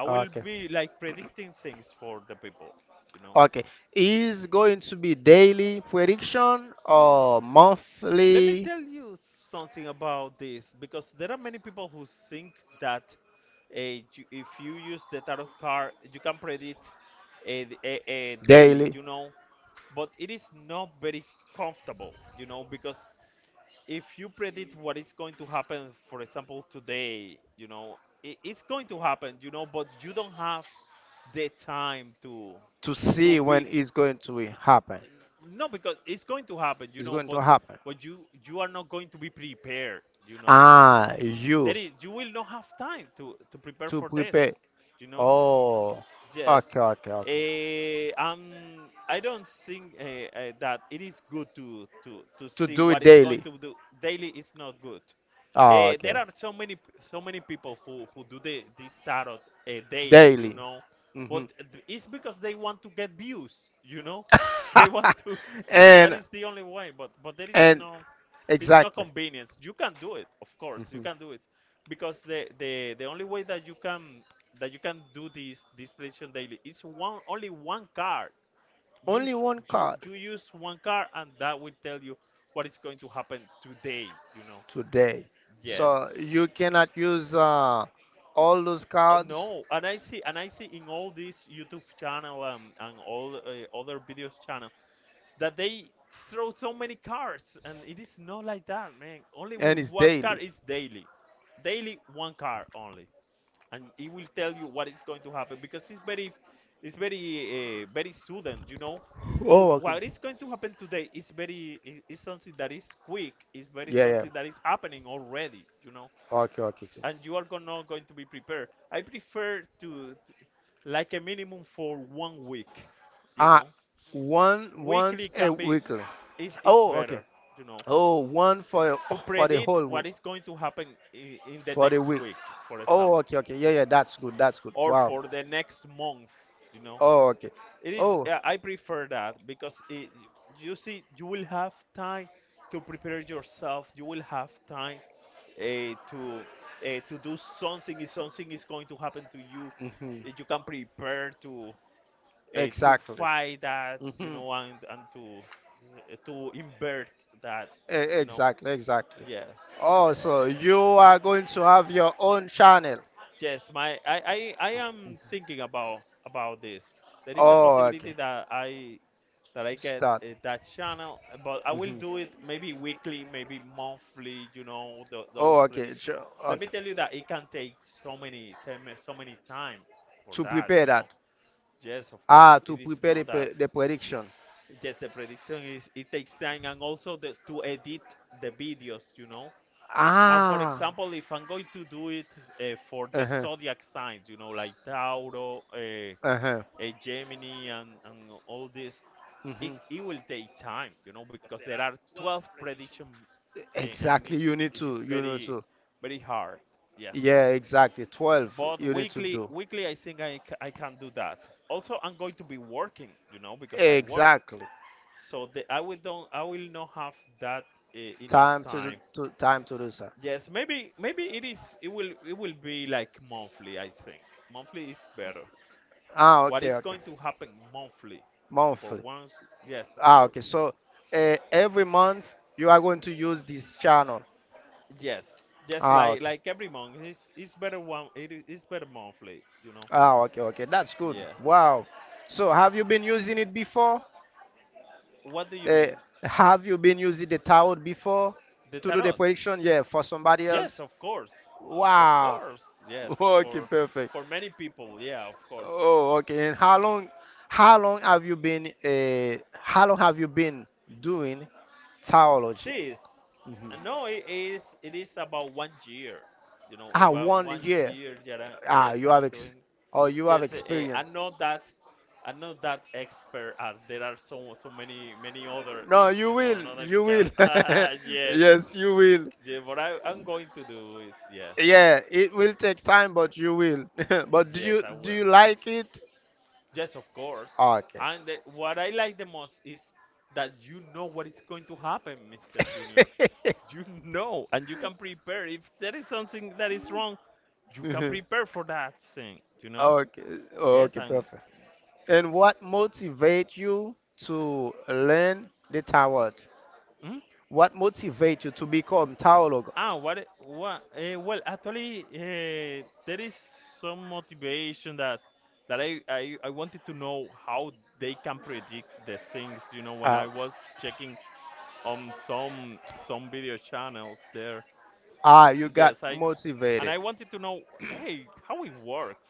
B: I will
A: okay.
B: be like predicting things for the people, you know.
A: Okay, is going to be daily prediction or
B: Let me
A: monthly?
B: tell you something about this because there are many people who think that uh, you, if you use the tarot card, you can predict uh, th- uh, uh, daily,
A: Daily
B: you know. But it is not very comfortable, you know, because if you predict what is going to happen, for example, today, you know, it, it's going to happen, you know, but you don't have the time to
A: to
B: to
A: see when
B: be
A: it's going to happen.
B: no, because it's going to happen, you
A: It's
B: know,
A: going
B: but
A: to happen.
B: but you you are not going to be prepared, you know.
A: Ah, you
B: There is you will not have time to to prepare
A: to
B: for this,
A: prepare.
B: you know.
A: Oh,
B: Yes.
A: okay, okay, okay.
B: Eh, um, I don't think uh, uh, that it is good to, to, to
A: To
B: see
A: do it
B: what is going
A: daily.
B: to do daily is not good.
A: Oh,
B: Uh,
A: okay.
B: there are so many so many people who, who do the, this tarot, uh, daily, you
A: Daily.
B: know,
A: Hmm.
B: but th- it's because they want to get views, you know, they want to. That
A: and
B: is the only way, but but there is
A: and
B: no. It's not
A: exactly.
B: convenience. You can do it, of course, you can do it, because the the the only way that you can that you can do this this prediction daily is one only one card. You
A: Only one
B: you
A: card
B: you use one card and that will tell you what is going to happen today. You know.
A: today. Yeah.
B: Yes.
A: So you cannot use uh, all those
B: Oh,
A: cards.
B: no. And I see and I see in all these YouTube channel, um, and all uh, other videos channel that they throw so many cars, and it is not like that, man. Only
A: And
B: with
A: it's
B: one car
A: daily.
B: is daily, daily one car only, and it will tell you what is going to happen because it's very, it's very, uh, very sudden, you know. To
A: Oh, okay.
B: what is going to happen today is very i- is something that is quick. Is very
A: Yeah, yeah.
B: something that is happening already, you know,
A: Okay, okay,
B: and you are go- not going to be prepared. I
A: okay.
B: prefer to, to like a minimum for one week, you
A: Uh,
B: know.
A: one Once
B: Weekly
A: a
B: can be
A: weekly.
B: is is
A: Oh, okay.
B: better, you know,
A: Oh, one for
B: to
A: oh, for the
B: predict
A: whole week,
B: what is going to happen in, in the
A: for the
B: next
A: week.
B: week, for
A: Oh,
B: example,
A: okay, okay. Yeah, yeah. That's good. That's good.
B: or
A: Wow.
B: for the next month, you know.
A: Oh, okay.
B: It is,
A: Oh.
B: uh, I prefer that because it, you see, you will have time to prepare yourself. You will have time uh, to uh, to do something if something is going to happen to you.
A: hmm
B: eh, You can prepare to uh, to
A: Exactly.
B: fight that, you
A: hmm
B: know, and and to eh, to invert that, you know.
A: Exactly. Exactly.
B: Yes,
A: Oh, so you are going to have your own channel.
B: yes. My I I, I am thinking about about this. There is a
A: Oh,
B: possibility
A: okay.
B: that I that I get
A: Start.
B: uh, that channel, but I will
A: Mhm.
B: do it maybe weekly, maybe monthly. You know, tho- those
A: Oh, okay.
B: predictions.
A: Sure,
B: Let me
A: okay.
B: tell you that it can take so many time, so many time for
A: To
B: that.
A: prepare
B: You
A: that.
B: know. Yes, of course,
A: Ah, to
B: it is
A: prepare the,
B: not that.
A: pre- the prediction.
B: Yes, the prediction is it takes time and also the, to edit the videos, you know. And for
A: Ah.
B: example, if I'm going to do it uh, for the
A: Uh-huh.
B: zodiac signs, you know, like Tauro, uh, uh,
A: Uh-huh.
B: Gemini, and, and all this, it,
A: Mhm.
B: it will take time, you know, because there are twelve prediction, uh, and it
A: Exactly.
B: is,
A: You need
B: it is
A: to. You know.
B: very,
A: So.
B: very hard. Yes.
A: Yeah, exactly. twelve
B: But
A: you need to
B: weekly,
A: do.
B: weekly, I think I, c- I can do that. Also, I'm going to be working, you know, because I work.
A: Exactly.
B: So the, I will don't I will not have that, uh, enough
A: Time to do,
B: time.
A: to time to do that.
B: Yes, maybe maybe it is it will it will be like monthly, I think. Monthly is better.
A: Ah,
B: What
A: okay,
B: is
A: okay.
B: going to happen monthly for
A: Monthly.
B: once? Yes, of
A: Ah, okay.
B: course.
A: So uh, every month you are going to use this channel.
B: Yes. Yes,
A: Ah,
B: like
A: okay.
B: like every month it's it's better one it is it's better monthly, you know.
A: Ah, okay, okay. That's good.
B: Yes.
A: Wow. So have you been using it before?
B: What do you
A: Uh,
B: mean?
A: have you been using the tower before
B: The
A: to do the
B: tarot?
A: prediction? Yeah, for somebody
B: Yes,
A: else.
B: of course. Of
A: Wow.
B: course. Yes,
A: Okay,
B: for
A: perfect.
B: for many people. Yeah, of course.
A: Oh, okay. And how long how long have you been uh how long have you been doing theology?
B: This,
A: Mhm.
B: no, it is it is about one year. You know,
A: Ah,
B: about
A: one
B: one
A: year.
B: year. that I-
A: Ah,
B: Yes,
A: you
B: that
A: have
B: I'm
A: ex
B: doing.
A: oh you have
B: Yes, eh, I
A: experience.
B: know that. I'm not that expert as there are so so many many other
A: No,
B: in
A: you
B: in
A: will.
B: another
A: You
B: car.
A: will.
B: Ah, yes,
A: Yes, you will.
B: yeah, but I I'm going to do it. Yes,
A: Yeah, it will take time, but you will. But do
B: yes,
A: you
B: I
A: do
B: will.
A: you like it?
B: Yes, of course.
A: Okay.
B: And the, what I like the most is that you know what is going to happen, mister Junior. You know, and you can prepare. If there is something that is wrong, you can prepare for that thing. You know?
A: Okay,
B: Yes,
A: okay,
B: and
A: perfect. And what motivates you to learn the tarot?
B: hmm?
A: What motivates you to become tarot?
B: ah, what? i- What? Uh, well, actually, uh, there is some motivation that that I, I I wanted to know how they can predict the things. You know, when
A: Uh,
B: I was checking on some some video channels there.
A: ah, you got
B: Yes, I and
A: motivated.
B: I wanted to know, hey, how it works.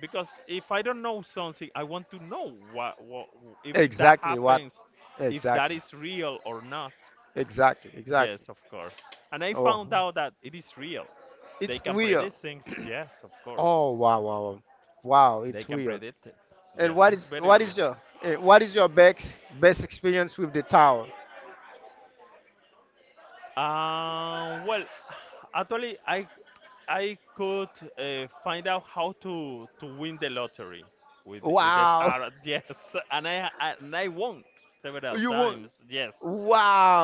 B: Because if I don't know something, I want to know what, what if that
A: Exactly what?
B: happens, if that
A: Exactly.
B: is real or not.
A: Exactly. Exactly.
B: Yes, of course. And I
A: Oh.
B: found out that it is real. They
A: It's
B: can
A: weird.
B: predict things. Yes, of course.
A: Oh, wow, wow, wow. Wow,
B: They
A: it's
B: can
A: weird.
B: predict it. Yes,
A: And what
B: it's
A: is
B: very
A: what
B: real.
A: is your eh, what is your best best experience with the tower?
B: Uh, well, actually, I I could uh, find out how to to win the lottery with with the
A: Wow.
B: tarot. Yes, and I and I won several
A: You won.
B: times. Yes,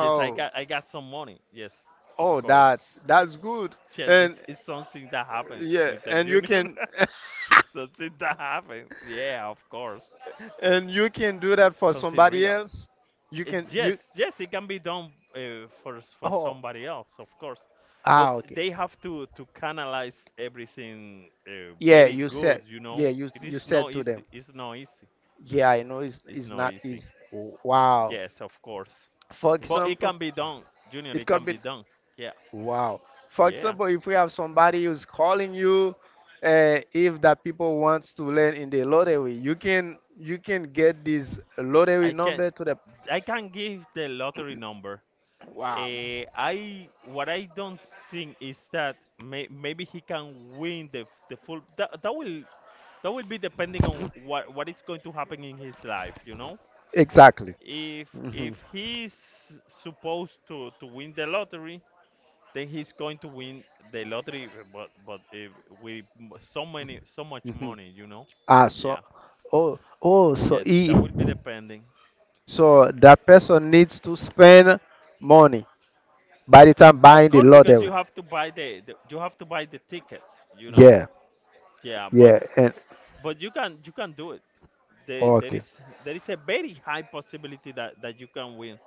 B: yes, I got I got some money. Yes, of
A: Oh,
B: course.
A: that's that's good.
B: Chess is,
A: And
B: is something that happened,
A: yeah,
B: mister
A: and you
B: Junior.
A: can
B: Something that happened. Yeah, of course.
A: and you can do that for
B: Something
A: somebody
B: real.
A: else. You
B: It,
A: can
B: yes,
A: you.
B: yes, it can be done uh, for s- for
A: Oh.
B: somebody else, of course. But
A: Ah,
B: they
A: okay.
B: have to to canalize everything, uh,
A: Yeah,
B: very
A: you
B: good,
A: said.
B: you
A: Yeah,
B: know.
A: you
B: It
A: you
B: is
A: said
B: not
A: to them.
B: easy. It's not easy.
A: Yeah, I know it's
B: It's
A: it's
B: not
A: not
B: easy.
A: easy. Wow.
B: Yes, of course.
A: For
B: But it
A: example,
B: can be done, Junior.
A: it
B: It can
A: could be
B: be done. Yeah.
A: wow. For
B: Yeah.
A: example, if we have somebody who's calling you, uh, if that people wants to learn in the lottery, you can you can get this lottery
B: I can
A: number to the
B: I can give the lottery number.
A: wow.
B: Eh, I what I don't think is that may, maybe he can win the the full that, that will that will be depending on what what is going to happen in his life, you know?
A: Exactly.
B: If if
A: Mhm.
B: he's supposed to to win the lottery, then he's going to win the lottery, but but if with m- so many so much
A: Mhm.
B: money, you know.
A: Ah, so,
B: Yeah.
A: oh, oh, so
B: Yes,
A: he,
B: that will be depending.
A: so that person needs to spend money by the time
B: Of
A: buying the
B: course, because
A: lottery.
B: you have to buy the, the you have to buy the ticket, you know.
A: Yeah,
B: Yeah, but
A: yeah, and
B: but you can you can do it. There there
A: okay.
B: is there is a very high possibility that that you can win.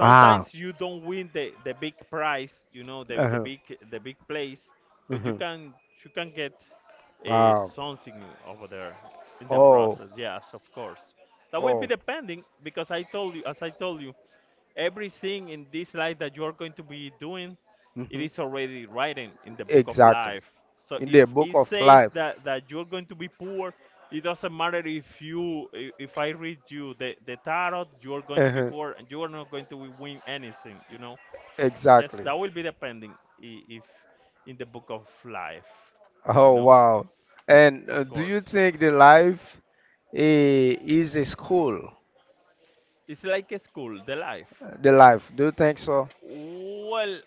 A: Ah,
B: you don't win the the big prize, you know, the the
A: uh-huh,
B: big, the big place, but you
A: uh-huh.
B: can, you can get uh,
A: Wow.
B: something over there in the
A: Oh,
B: process. Yes, of course, that will
A: oh.
B: be depending because I told you, as I told you, everything in this life that you are going to be doing,
A: hmm
B: it is already written in the book of
A: Exactly.
B: life. So
A: In
B: if
A: the book
B: it
A: of
B: says
A: life.
B: that, that you're going to be poor, it doesn't matter if you i- if I read you the, the tarot, you're going to be
A: Uh-huh.
B: poor and you are not going to win anything, you know? Yes,
A: Exactly.
B: that will be depending i- if in the book of life, you
A: Oh,
B: know?
A: wow. And uh,
B: Of
A: do you
B: course.
A: think the life eh, is a school?
B: It's like a school, the life.
A: The life, do you think so?
B: Well,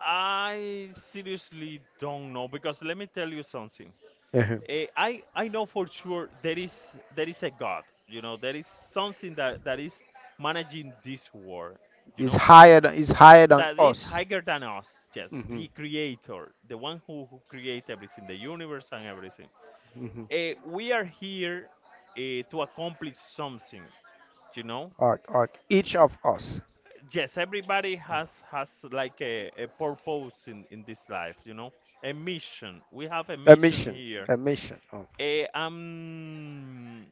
B: I seriously don't know because let me tell you something.
A: Uh-huh.
B: Eh, I I know for sure there is there is a God. You know there is something that that is managing this world. You
A: It's
B: know
A: higher than, it's higher than
B: that is
A: us.
B: higher than us. Yes,
A: Hmm.
B: the Creator, the one who who create everything, the universe and everything.
A: Mhm.
B: Eh, we are here eh, to accomplish something. You know,
A: Or, or each of us.
B: yes, everybody has has like a, a purpose in in this life, you know, a mission. We have a
A: A
B: mission
A: mission.
B: here.
A: A mission. Oh.
B: Eh, um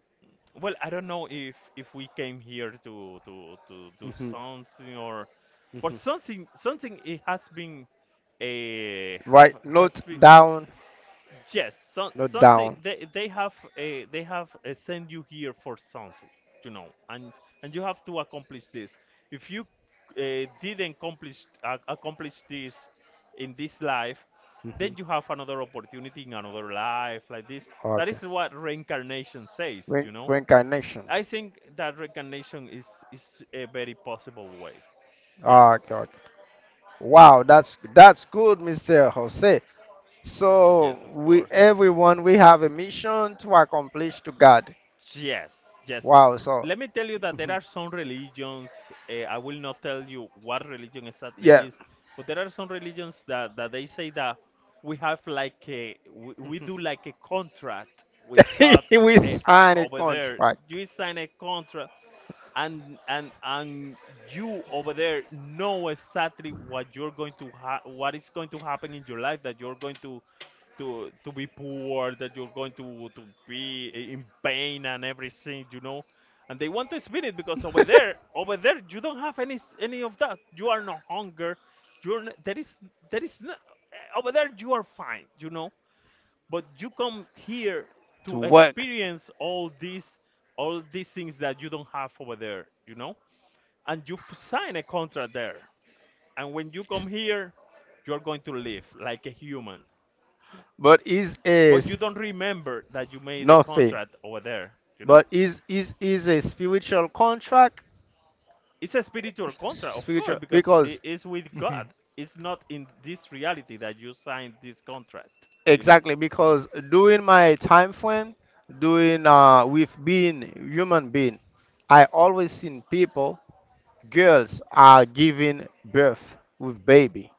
B: well, I don't know if if we came here to to to do
A: hmm
B: something, or but
A: hmm
B: something something it has been, a have
A: Right.
B: has
A: Note
B: been.
A: down.
B: Yes, some
A: Note
B: something,
A: down.
B: they they have uh, they have uh, sent you here for something, you know, and and you have to accomplish this. If you uh, didn't accomplish uh, accomplish this in this life,
A: Hmm.
B: then you have another opportunity in another life like this. That
A: Okay.
B: is what reincarnation says,
A: Re-
B: you know.
A: reincarnation.
B: I think that reincarnation is is a very possible way. Yes,
A: Ah, okay. Okay. Wow, that's that's good, Mister Jose. So
B: yes, of
A: we
B: course.
A: everyone we have a mission to accomplish to God.
B: Yes, yes.
A: Wow, so
B: Let me tell you that there are some religions. Uh, I will not tell you what religion exactly
A: yeah.
B: is, but there are some religions that, that they say that we have like a we, we do like a contract with God
A: We
B: uh,
A: sign
B: uh,
A: a
B: over there.
A: contract.
B: You sign a contract, and and and you over there know exactly what you're going to ha- what is going to happen in your life, that you're going to to to be poor, that you're going to to be i- in pain and everything, you know. And they want to spin it because over there, over there, you don't have any s- any of that. You are no hunger. You're n- there is there is no, over there you are fine, you know. But you come here
A: To
B: to
A: work,
B: experience all these, all these things that you don't have over there, you know. And you f- sign a contract there. And when you come here, you're going to live like a human,
A: but is a
B: but
A: s-
B: you don't remember that you made a
A: nothing.
B: contract over there, you know.
A: But is is is a spiritual contract,
B: It's a spiritual contract, of course,
A: spiritual
B: because it
A: because.
B: is with
A: Mhm.
B: God. It's not in this reality that you signed this contract, you know.
A: Exactly, because during my time frame, doing uh with being human being, I always seen people, girls are giving birth with baby.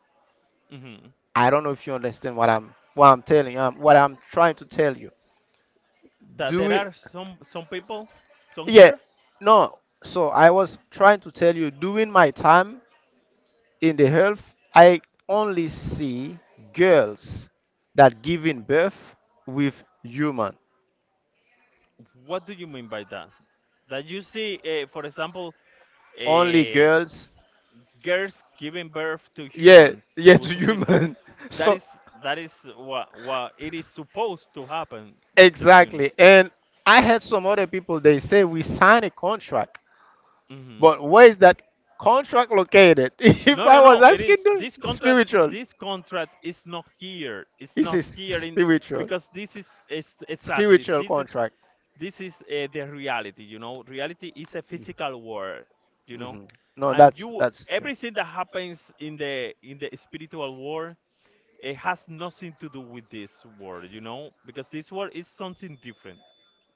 B: Hmm,
A: I don't know if you understand what I'm what I'm telling um what I'm trying to tell you.
B: that
A: Do
B: there
A: it.
B: are some some people, some
A: Yeah.
B: girl.
A: No. So I was trying to tell you during my time in the health, I only see girls that giving birth with human.
B: What do you mean by that? That you see, uh, for example,
A: Only
B: uh,
A: girls.
B: girls giving birth to
A: Yeah.
B: humans,
A: Yeah.
B: to
A: To
B: to people?
A: human.
B: That
A: So
B: is, that is what what it is supposed to happen, Mr. Junior.
A: exactly. And I had some other people. They say we sign a contract.
B: Hmm.
A: But where is that contract located? If
B: No,
A: I
B: no,
A: was
B: no, it
A: asking
B: is
A: the
B: this contract.
A: spiritual,
B: This contract is not here, it's
A: he
B: not
A: says
B: here in,
A: spiritual,
B: because this is, is exactly
A: spiritual
B: this is,
A: contract.
B: this is, uh, the reality, you know. Reality is a physical world, you know.
A: Mhm. No,
B: And
A: that's
B: you,
A: that's true.
B: everything that happens in the, in the spiritual world, it has nothing to do with this word, you know, because this word is something different.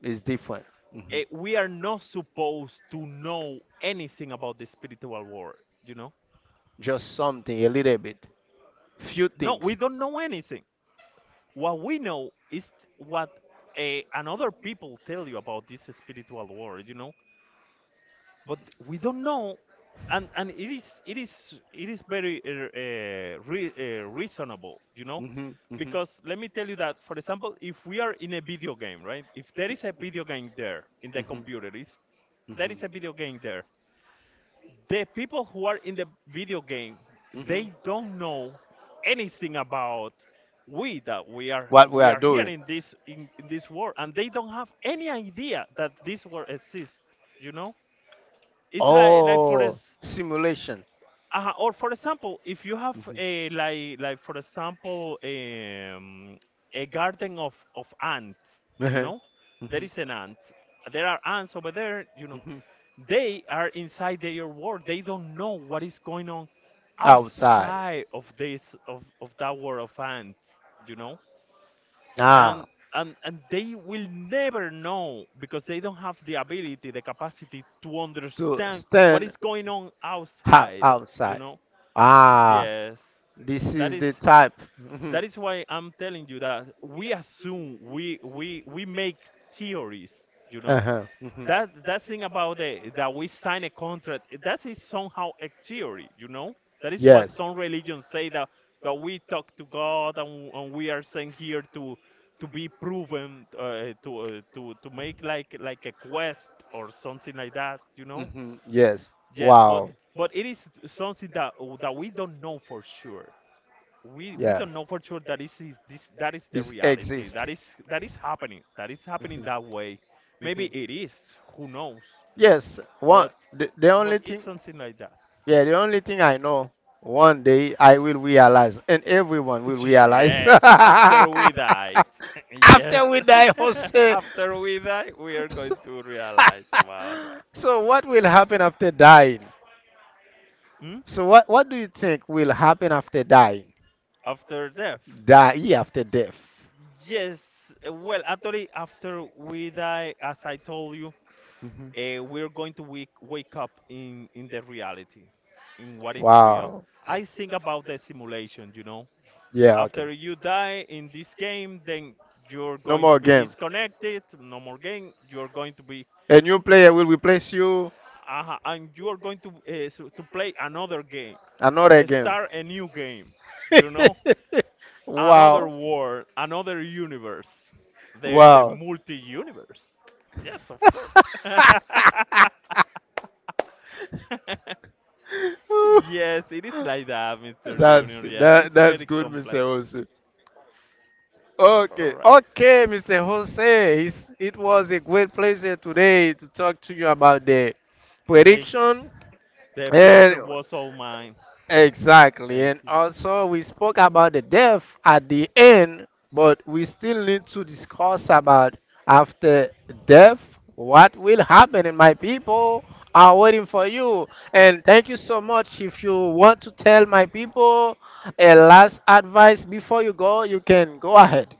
A: It's different. Mhm.
B: Eh, we are not supposed to know anything about the spiritual world, you know.
A: Just something, a little bit, few
B: No, we
A: things.
B: don't know anything. What we know is what, eh, another people tell you about this spiritual world, you know. But we don't know, and and it is it is it is very uh, uh, re, uh, reasonable, you know,
A: Mhm, mhm,
B: because let me tell you that, for example, if we are in a video game, right? If there is a video game there in the
A: mhm,
B: computer, if there is a
A: mhm.
B: video game there, the people who are in the video game,
A: Mhm.
B: they don't know anything about we, that we are,
A: What we
B: we
A: are
B: are here
A: doing.
B: in this, in, in this world, and they don't have any idea that this world exists, you know. It's like like for us,
A: Oh, simulation.
B: uh, or for example, if you have a, like like for example, um, a garden of of ants, you
A: Mhm.
B: know, there
A: Mhm.
B: is an ant. There are ants over there, you know.
A: Mhm.
B: They are inside their world. They don't know what is going on
A: Outside.
B: outside of this, of of that world of ants, you know.
A: Ah,
B: And and and they will never know because they don't have the ability, the capacity to
A: to
B: understand what
A: stand
B: is going on
A: half
B: outside, you
A: outside.
B: know.
A: Ah.
B: Yes,
A: This
B: that
A: is
B: is,
A: the type. Mhm.
B: that is why I'm telling you that we assume, we we we make theories, you know.
A: Uh-huh. Mhm.
B: That, that thing about the, that we sign a contract, that is somehow a theory, you know. That is what
A: Yes.
B: some religions say, that that we talk to God, and, and we are sent here to to be proven, uh, to, uh, to to make like like a quest or something like that, you know.
A: Hmm. Yes.
B: Yes, but
A: Wow.
B: but it is something that, that we don't know for sure. we we
A: Yeah.
B: don't know for sure that is is this, that is the
A: It
B: reality,
A: exists.
B: that is, that is happening, that is happening
A: Mhm.
B: that way. Maybe it is, who knows,
A: Yes, one.
B: but
A: The, the
B: but
A: only
B: it's
A: thing,
B: something like that.
A: yeah, the only thing I know, one day I will realize, and everyone will realize.
B: Yes, after we died. Yes.
A: After we die, Jose.
B: After we die we are going to realize about that.
A: So what will happen after dying?
B: Hmm?
A: So what what do you think will happen after dying?
B: After death?
A: Die after death.
B: Yes, well actually after we die, as I told you,
A: Mhm.
B: uh, we're going to wake, wake up in, in the reality, in what is real.
A: Wow.
B: I think about the simulation, you know.
A: Yeah. Okay.
B: After you die in this game, then you're
A: No
B: going to
A: more
B: be
A: game.
B: disconnected, no more game. You're going to be,
A: A new player will replace you
B: uh, and you're going to uh, so- to play another game,
A: another
B: uh,
A: game.
B: start a new game, you know, another
A: Wow.
B: world, another universe, the the
A: Wow.
B: multi universe. Yes, of course. Yes, it is like that, mister
A: that's
B: Junior. Yes,
A: that
B: it's
A: that's
B: very
A: good, Mister
B: complex.
A: Jose.
B: All
A: Okay,
B: right.
A: okay, Mister Jose. It's, it was a great pleasure today to talk to you about the
B: Thank.
A: prediction,
B: The
A: and
B: pleasure was all mine.
A: exactly.
B: Thank
A: And
B: you.
A: also, we spoke about the death at the end, but we still need to discuss about after death, what will happen. And my people are waiting for you. And thank you so much. If you want to tell my people a last advice before you go, you can go ahead.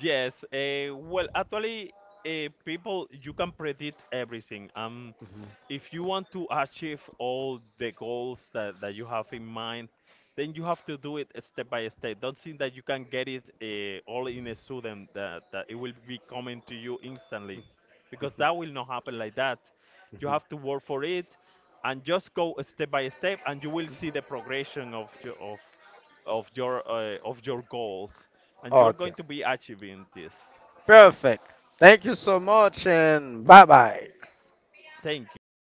B: Yes, uh, well, actually, uh, people, you can predict everything. Um,
A: Mhm.
B: if you want to achieve all the goals that, that you have in mind, then you have to do it step by step. Don't think that you can get it uh, all in a sudden, that, that it will be coming to you instantly, because that will not happen like that. You have to work for it and just go step by step, and you will see the progression of your, of, of your, uh, of your goals, and you're
A: Okay.
B: going to be achieving this.
A: Perfect. Thank you so much, and bye bye.
B: Thank you.